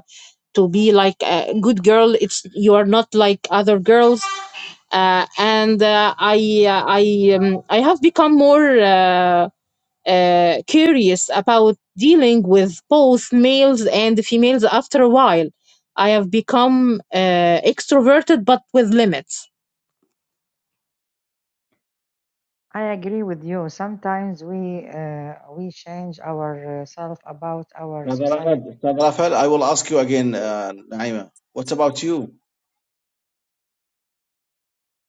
to be like a good girl it's you are not like other girls uh, and uh, I uh, I um, I have become more uh, uh, curious about dealing with both males and females. After a while, I have become uh, extroverted, but with limits.
I agree with you. Sometimes we uh, we change ourselves about our
Brother
society.
Rafal, I will ask you again, uh, Naima. What about you?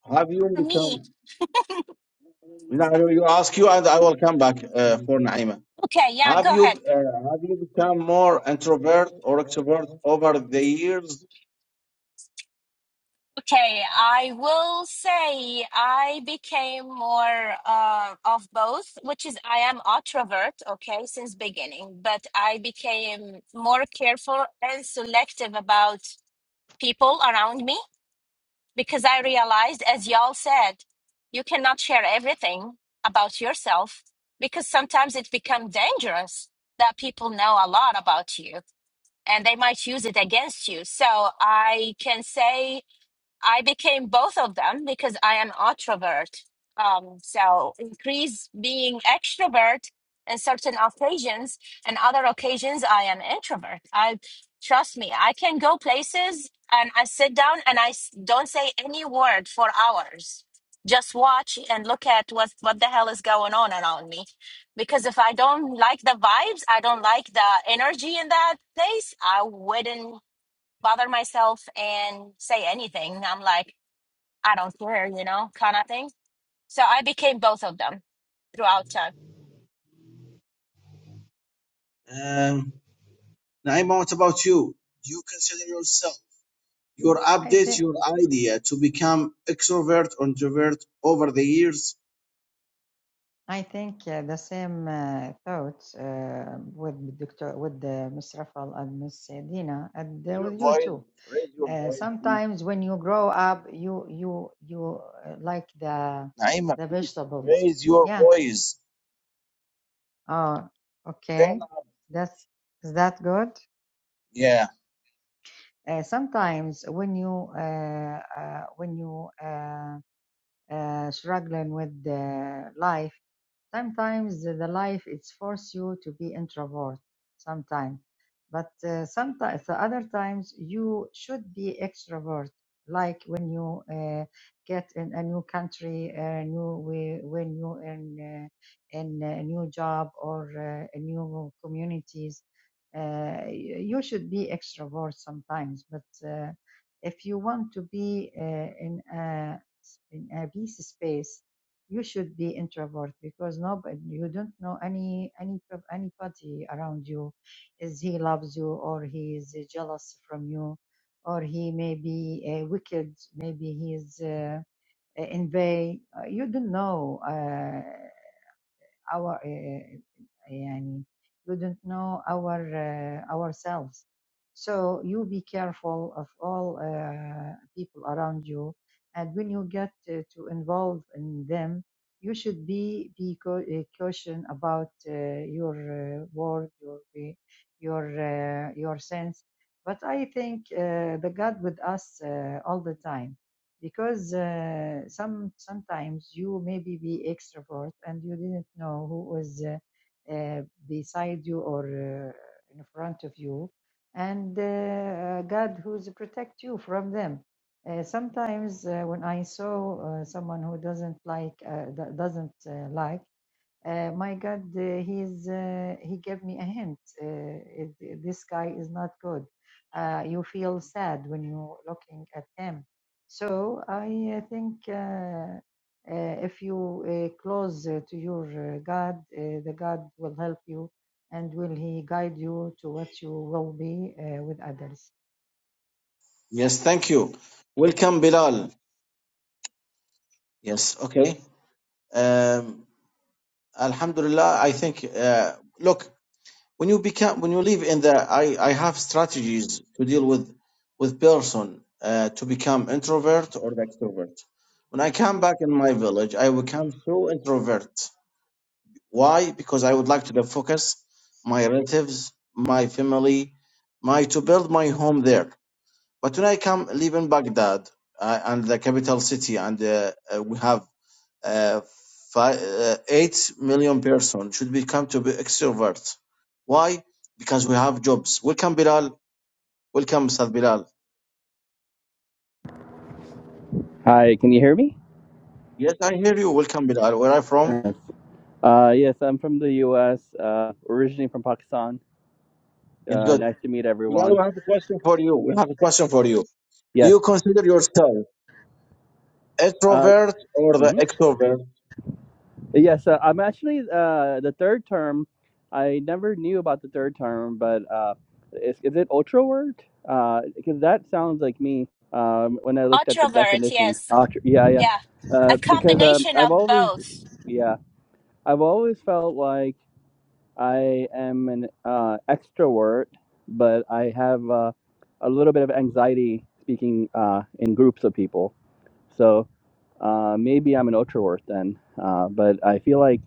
Have you
For me,
become? Now I will ask you, and I will come back uh, for Naima.
okay, yeah,
Have
go
you
ahead.
uh, have you become more introvert or extrovert over the years?
Okay, I will say I became more uh, of both, which is I am introvert, okay, since beginning, but I became more careful and selective about people around me because I realized, as y'all said, you cannot share everything about yourself because sometimes it becomes dangerous that people know a lot about you and they might use it against you. So I can say I became both of them because I am introvert. Um, so increase being extrovert in certain occasions, and other occasions I am introvert. I trust me, I can go places and I sit down and I s- don't say any word for hours. Just watch and look at what what the hell is going on around me, because if I don't like the vibes, I don't like the energy in that place. I wouldn't bother myself and say anything. I'm like, I don't care, you know, kind of thing. So I became both of them throughout time.
Um, Naima, what about you? Do you consider yourself your
I
update
think
your idea to become extrovert or introvert over the years?
I think uh, the same uh, thoughts uh, with Dr. with uh, Ms. Rafal and Miss Dina and
Raise
uh,
your
with you
voice.
too.
Raise your
Uh,
voice, please.
sometimes when you grow up, you you you uh, like the
Naima,
the
please
vegetables.
raise your
Yeah.
voice.
Oh,
Then,
okay. That's is that good?
yeah.
Uh, sometimes when you uh, uh, when you uh, uh, struggling with the life. Sometimes the life it's force you to be introvert. Sometimes, but uh, sometimes the other times you should be extrovert. Like when you uh, get in a new country, uh, new way, when you in uh, in a new job or uh, a new communities, uh, you should be extrovert sometimes. But uh, if you want to be uh, in a in a peace space, you should be introvert because nobody, you don't know any any prob- anybody around you, is he loves you or he is jealous from you, or he may be uh, wicked, maybe he is uh, envy. Uh, You don't know. Uh, our uh, يعني we don't know our uh, ourselves so you be careful of all uh, people around you and when you get uh, to involve in them you should be be cau- uh, caution about uh, your uh, word your be- your uh, your sense but i think uh, the god with us uh, all the time because uh, some sometimes you maybe be extrovert and you didn't know who was uh, uh, beside you or uh, in front of you and uh, uh, god who's protect you from them uh, sometimes uh, when i saw uh, someone who doesn't like uh, do- doesn't uh, like uh, my God, uh, he's uh, he gave me a hint. Uh, it, it- this guy is not good. Uh, you feel sad when you're looking at him. So I uh, think uh, uh, if you uh, close uh, to your uh, God, uh, the God will help you and will he guide you to what you will be uh, with others.
Yes, thank you. Welcome,
Welcome.
Bilal. Yes, okay. Um, Alhamdulillah, I think, uh, look, when you become, when you live in the, I, I have strategies to deal with, with person uh, to become introvert or the extrovert. When I come back in my village, I become so introvert. Why? Because I would like to focus my relatives, my family, my, to build my home there. But when I come leaving Baghdad uh, and the capital city, and uh, uh, we have uh, five, uh, eight million person should become to be extrovert. Why? Because we have jobs. Welcome Bilal. Welcome Sad Bilal.
Hi, can you hear me?
Yes, I hear you. Welcome Bilal. Where are you from?
Yes. Uh, yes, I'm from the U.S., uh, originally from Pakistan.
Yes,
Uh,
good.
nice to meet
Bilal,
everyone.
we have a question for you. We have a question for you. Do
Yes.
you consider yourself
Uh,
extrovert or the
mhm.
extrovert?
Yes, uh, I'm actually uh, the third term. I never knew about the third term, but uh, is, is it ultra word? Uh, because that sounds like me um, when I looked at the
Introvert,
definition.
yes,
Ultra, yeah, yeah.
yeah, a
Uh, because um,
combination
I've
of
always,
both.
yeah, I've always felt like I am an uh, extrovert, but I have uh, a little bit of anxiety speaking uh, in groups of people. So uh, maybe I'm an ultravert then. Uh, but I feel like,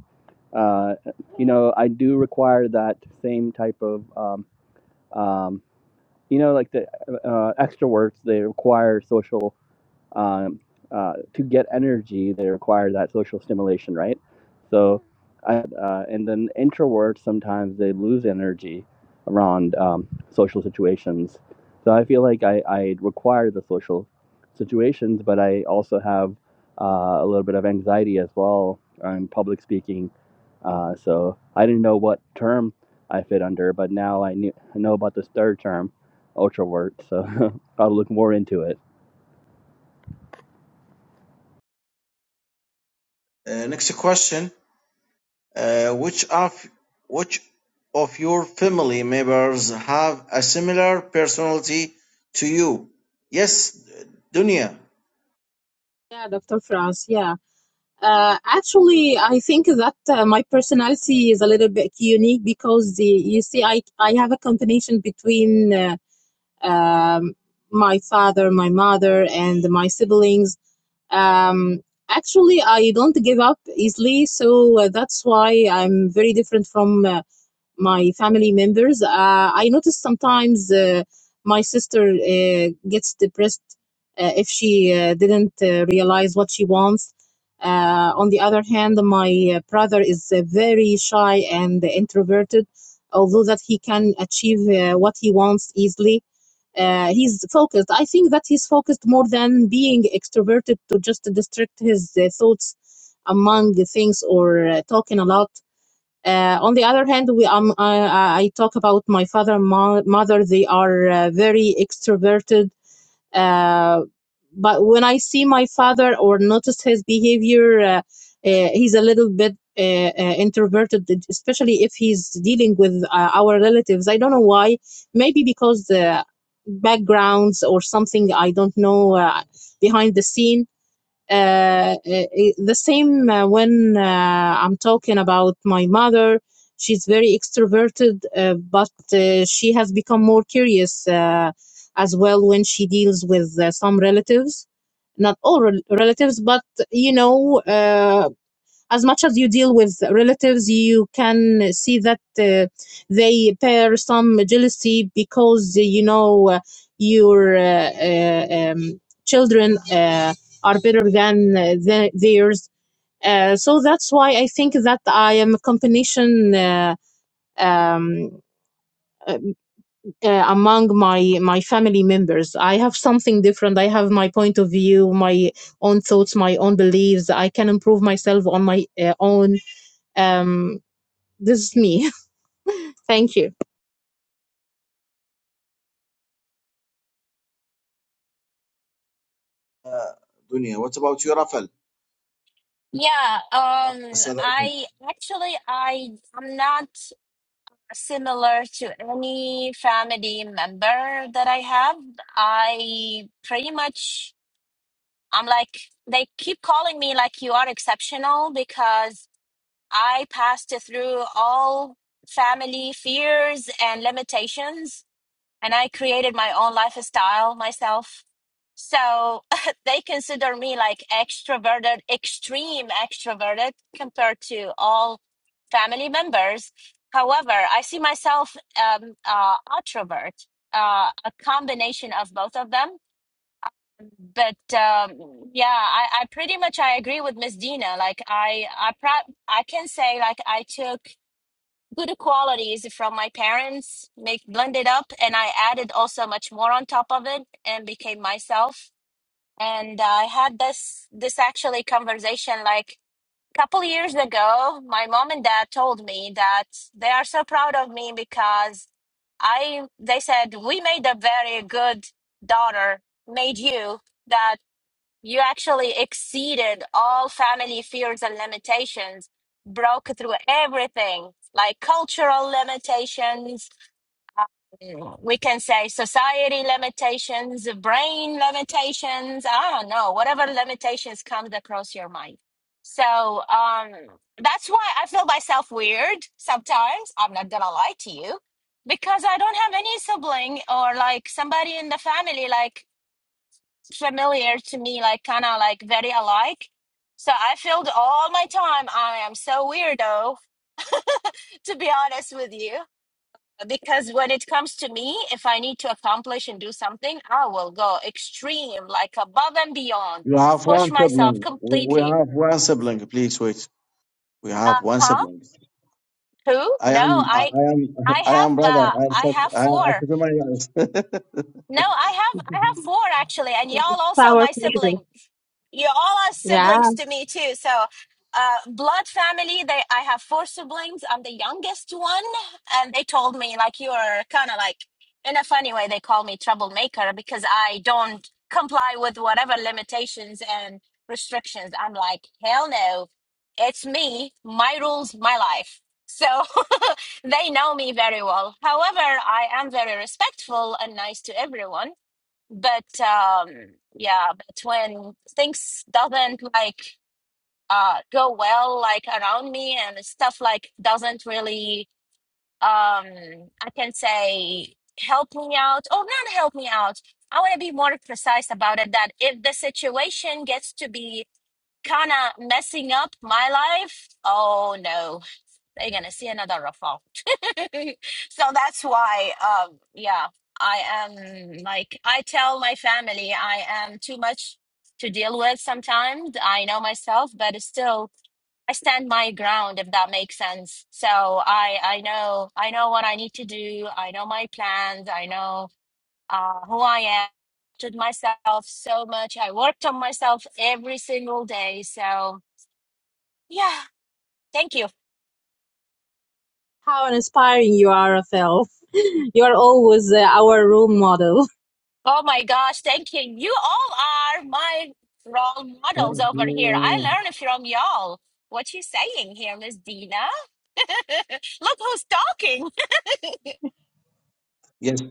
uh, you know, I do require that same type of, um, um, you know, like the uh, extroverts, they require social um, uh, to get energy, they require that social stimulation, right? So, I, uh, and then introverts sometimes they lose energy around um, social situations. So I feel like I, I require the social situations, but I also have uh, a little bit of anxiety as well on public speaking. Uh, so I didn't know what term I fit under, but now I knew, I know about this third term, ultravert. So I'll look more into it.
Uh, next question. Uh, which of which of your family members have a similar personality to you? Yes, Dunya.
Yeah, Dr. Franz. Yeah. Uh, actually, I think that uh, my personality is a little bit unique because the, you see, I, I have a combination between uh, um, my father, my mother, and my siblings. Um, actually, I don't give up easily, so uh, that's why I'm very different from uh, my family members. Uh, I notice sometimes uh, my sister uh, gets depressed uh, if she uh, didn't uh, realize what she wants. Uh, on the other hand, my uh, brother is uh, very shy and introverted, although that he can achieve uh, what he wants easily. Uh, he's focused. I think that he's focused more than being extroverted to just distract his uh, thoughts among the things or uh, talking a lot uh, on the other hand, we, um, I, I talk about my father and mo- mother. They are uh, very extroverted. Uh, but when I see my father or notice his behavior, uh, uh, he's a little bit uh, uh, introverted, especially if he's dealing with uh, our relatives. I don't know why. Maybe because the backgrounds or something I don't know uh, behind the scene uh, eh, eh, the same uh, when uh, I'm talking about my mother. She's very extroverted, uh, but uh, she has become more curious uh, as well when she deals with uh, some relatives. Not all rel relatives, but you know, uh, as much as you deal with relatives, you can see that uh, they bear some jealousy because uh, you know uh, your uh, uh, um, children uh, are better than uh, the, theirs. Uh, so that's why I think that I am a combination uh, um, uh, uh, among my my family members. I have something different. I have my point of view, my own thoughts, my own beliefs. I can improve myself on my uh, own. Um, this is me. Thank you.
Uh, Dunya, what about you, Rafal?
Yeah,
Rafal,
um, I actually I am not similar to any family member that I have. I pretty much I'm like they keep calling me like you are exceptional because I passed through all family fears and limitations, and I created my own lifestyle myself. So they consider me like extroverted, extreme extroverted compared to all family members. However, I see myself um, uh, introvert, uh, a combination of both of them but um, yeah, I, I pretty much I agree with Miss Dina. Like I I pro- I can say like I took good qualities from my parents, make blended up, and I added also much more on top of it and became myself. And I had this this actually conversation like a couple years ago. My mom and dad told me that they are so proud of me because I they said we made a very good daughter, made you that. You actually exceeded all family fears and limitations, broke through everything like cultural limitations, um, we can say society limitations, brain limitations, I don't know, whatever limitations comes across your mind. So um, that's why I feel myself weird sometimes. I'm not gonna lie to you because I don't have any sibling or like somebody in the family. Like familiar to me, like kind of like very alike. So I filled all my time. I am so weirdo, to be honest with you. Because when it comes to me, if I need to accomplish and do something, I will go extreme, like above and beyond,
You have
push
one
myself
sibling. We we
completely.
have one sibling. Please wait. We have
Uh
one
huh.
sibling.
Who?
I
No,
am. I
I,
I am.
I
I am
have,
brother.
uh,
I am
I
such.
have
I, I
four.
could do my
No, I have, I have four actually, and y'all
It's
also
our
my
pleasure.
sibling. you all are
Yeah.
siblings to me too. So, uh, blood family. They, I have four siblings. I'm the youngest one, and they told me like you're kind of like in a funny way. They call me troublemaker because I don't comply with whatever limitations and restrictions. I'm like hell no, it's me, my rules, my life. So they know me very well. However, I am very respectful and nice to everyone but um yeah but when things doesn't like uh go well like around me and stuff like doesn't really um i can say help me out or not help me out i want to be more precise about it that if the situation gets to be kind of messing up my life oh no they're gonna see another ruffle so that's why um yeah i am like i tell my family i am too much to deal with sometimes i know myself but it's still i stand my ground if that makes sense so i i know i know what i need to do i know my plans i know uh who i am to myself so much i worked on myself every single day so yeah thank you
How inspiring you are, Rafael. You are always uh, our role model.
Oh my gosh, thank you. You all are my role models
Thank
over here. I
you.
learn from y'all. What you saying here, Miss Dina? Look who's talking.
Yes.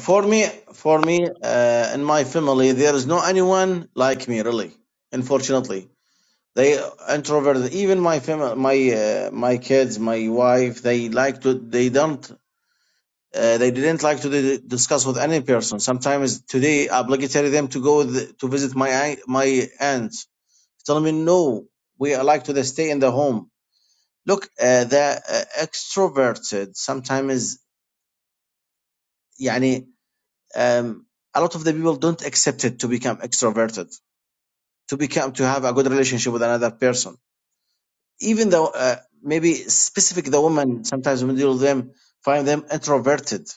For me, for me, uh, in my family, there is no anyone like me, really. Unfortunately, they introverted. Even my family, my uh, my kids, my wife, they like to. They don't. Uh, they didn't like to di- discuss with any person. Sometimes today, I obligatory them to go th- to visit my aunt- my aunt. Tell me no. We are like to the stay in the home. Look, uh, the uh, extroverted sometimes. يعني um, a lot of the people don't accept it to become extroverted, to become to have a good relationship with another person. Even though uh, maybe specific the women sometimes when we deal with them find them introverted.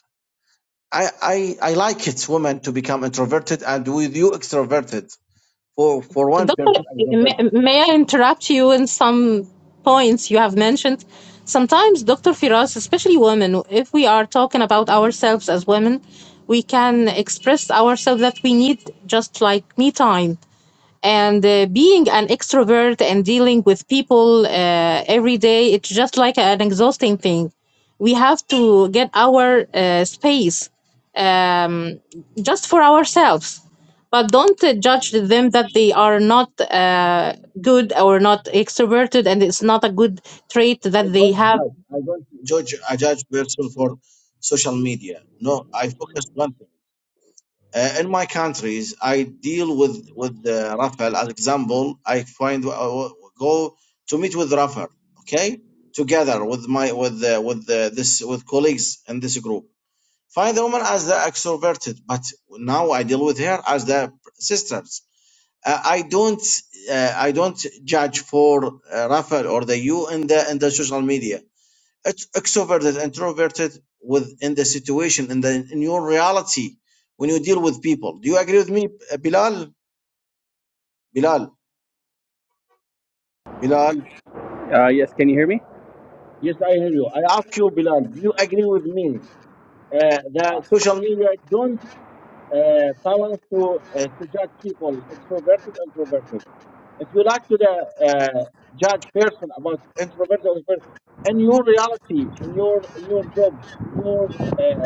I, I I like it women to become introverted and with you extroverted. For for one
Doctor,
person
may,
extroverted.
may I interrupt you in some points you have mentioned? Sometimes, Dr. Firas, especially women, if we are talking about ourselves as women, we can express ourselves that we need just like me time. and uh, being an extrovert and dealing with people uh, every day it's just like an exhausting thing we have to get our uh, space um, just for ourselves but don't uh, judge them that they are not uh, good or not extroverted and it's not a good trait
I
that they
don't
have
judge. I don't judge a judge person for social media. No, I focus one thing. Uh, in my countries, I deal with with uh, Rafael. As example, I find uh, go to meet with Rafael. Okay, together with my with uh, with uh, this with colleagues in this group. Find the woman as the extroverted, but now I deal with her as the sisters. Uh, I don't uh, I don't judge for uh, Rafael or the you in the in the social media ex- extroverted introverted within the situation in the in your reality when you deal with people do you agree with me uh, bilal bilal bilal
Uh, yes, can you hear me?
yes i hear you i ask you bilal do you agree with me uh, that social media don't uh, balance to uh, to judge people extroverted introverted if you like to the uh, judge person about introverted or person in your reality in your in your job in your uh,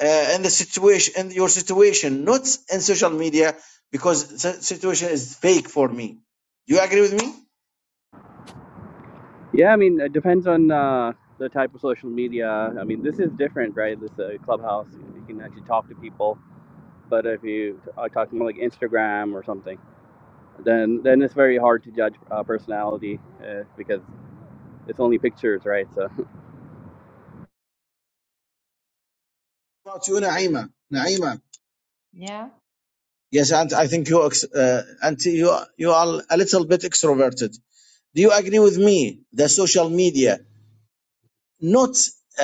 uh, in the situation in your situation not in social media because the situation is fake for me do you agree with me
Yeah, I mean, it depends on uh, the type of social media. I mean, this is different, right? This uh, clubhouse, you can actually talk to people. But if you are talking about like Instagram or something, then then it's very hard to judge uh, personality uh, because it's only pictures, right? So
about you naima naima
Yeah.
yes and i think you ex- uh, and you you are a little bit extroverted do you agree with me the social media not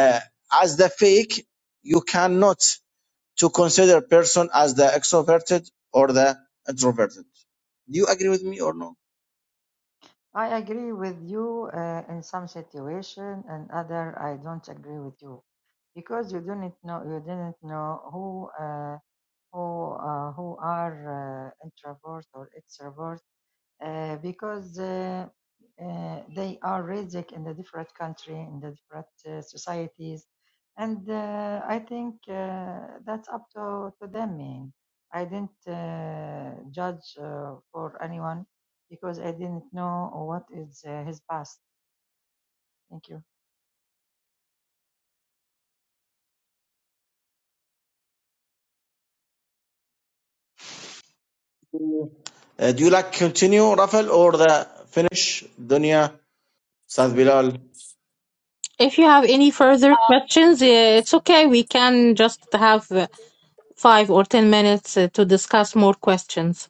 uh, as the fake you cannot to consider person as the extroverted or the introverted do you agree with me or no
I agree with you uh, in some situation, and other I don't agree with you because you didn't know you didn't know who uh, who uh, who are uh, introvert or extrovert uh, because uh, uh, they are raised in the different country, in the different uh, societies, and uh, I think uh, that's up to to them. Man. I didn't uh, judge uh, for anyone because I didn't know what is uh, his past. Thank you.
Uh, do you like continue, Rafal, or the finish? Dunya, Saad Bilal,
if you have any further
Um,
questions uh, it's okay we can just have uh, five or ten minutes uh, to discuss more questions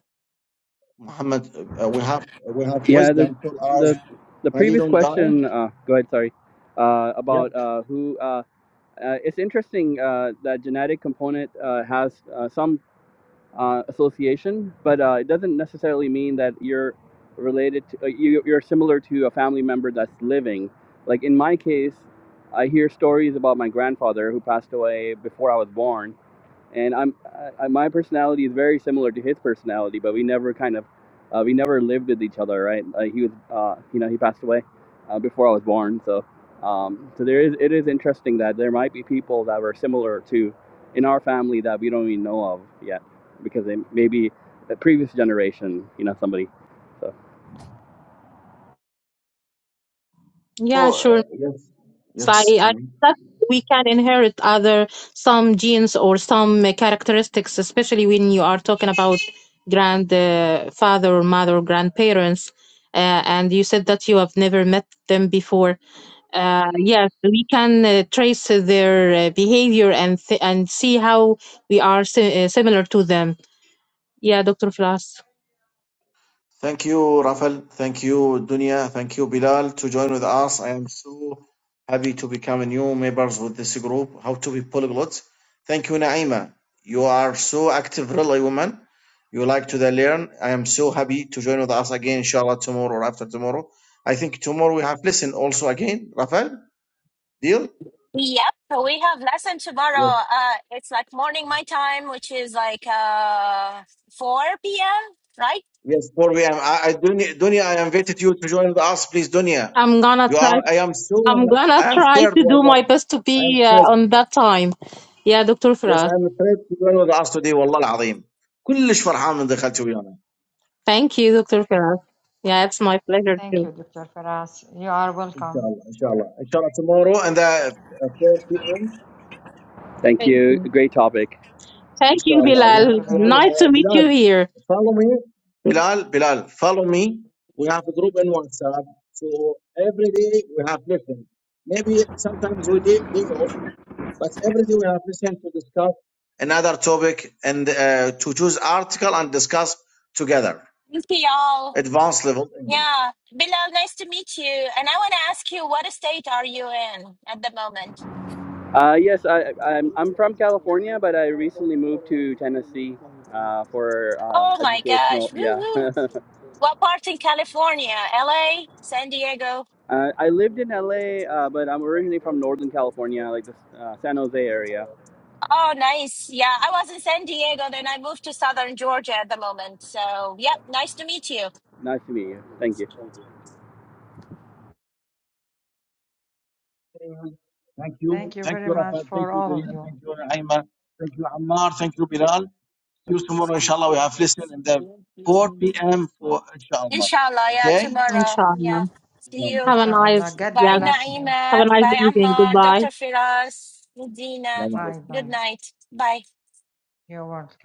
Muhammad. Uh, we have we have
yeah, the
wisdom till ours.
the the
Ali
previous
don't die.
question. Uh, go ahead, sorry, uh,
Yeah.
about uh, who. Uh, uh, it's interesting uh, that genetic component uh, has uh, some uh, association, but uh, it doesn't necessarily mean that you're related to, uh, you, you're similar to a family member that's living. Like in my case, I hear stories about my grandfather who passed away before I was born, and I'm I, my personality is very similar to his personality, but we never kind of uh, we never lived with each other, right? Uh, he was uh, you know he passed away uh, before I was born, so um, so there is it is interesting that there might be people that were similar to in our family that we don't even know of yet because they maybe the previous generation, you know, somebody. So
yeah
So, uh,
sure
yes,
So I, I
yes.
that we can inherit other some genes or some uh, characteristics, especially when you are talking about grandfather uh, father or mother or grandparents. Uh, and you said that you have never met them before. Uh, yes, we can uh, trace uh, their uh, behavior and th- and see how we are si- uh, similar to them. Yeah, Dr. Filas.
Thank you, Rafal. Thank you, Dunya. Thank you, Bilal, to join with us. I am so happy to become a new members with this group, How to be Polyglot. Thank you, Naima. You are so active, really, woman. You like to learn. I am so happy to join with us again, inshallah, tomorrow or after tomorrow. I think tomorrow we have lesson also again, Rafal. Deal?
yep, so we have lesson
Yes.
tomorrow. Uh, it's like morning my time, which is like uh 4 p.m. Right?
Yes, 4 p.m. I, I, Dunya, Dunya, I invited you to join with us, please, Dunya.
I'm gonna
You are,
try.
I am so,
I'm gonna
I am
try
third,
to do my
wallah.
best to
I am
be
third.
uh, on that time. Yeah, Dr.
يس
Fras.
انا اشتريت وين وضعت دي والله العظيم كلش فرحان من دخلت ويانا
Thank you, Dr. Farah. Yeah, it's my pleasure
Thank you,
too.
Dr. Faras. You are
ان شاء
welcome.
الله ان شاء الله ان شاء الله tomorrow and the 4 p.m.
thank
Thank
you,
you.
great topic.
ان
Thank you,
شاء الله we
Thank
Bilal.
have
you very
every
Nice
much.
to
uh,
meet you
بلال
here.
follow me Bilal, Bilal, follow me we have a group in WhatsApp so every day we have listen maybe sometimes we day, day off but every day we have listen to discuss another topic and uh, to choose article and discuss together
Thank you, all
advanced level English
Yeah, Bilal, nice to meet you. And I want to ask you, what state are you in at the moment?
Uh, yes, I, I'm I'm from California, but I recently moved to Tennessee uh, for uh,
Oh my
educational.
gosh. Woo
Yeah,
woo. What part in California? LA? San Diego?
Uh, I lived in LA, uh, but I'm originally from Northern California, like the uh, San Jose area.
Oh, nice. Yeah, I was in San Diego, then I moved to Southern Georgia at the moment. So, yep, nice to meet you.
Nice to meet you. Thank you.
Thank you.
Thank you
Thank
very
you,
much
Rafa. Thank
for
you,
all of
Durian.
you.
Thank you, Naima, Thank you, Ammar. Thank you, Bilal. See you tomorrow, inshallah. We have listened in the 4 p.m. for inshallah.
Inshallah, yeah,
Okay?
tomorrow.
Inshallah.
Yeah. See
Assalamu
you.
Have a
Inshallah.
nice,
God
Bye,
yeah,
bless you.
Naima.
have a nice
Bye,
evening.
Ammar. Dr.
Goodbye.
Firas. Medina.
alaikum.
Bye
Good
bye.
night. Bye.
You're welcome.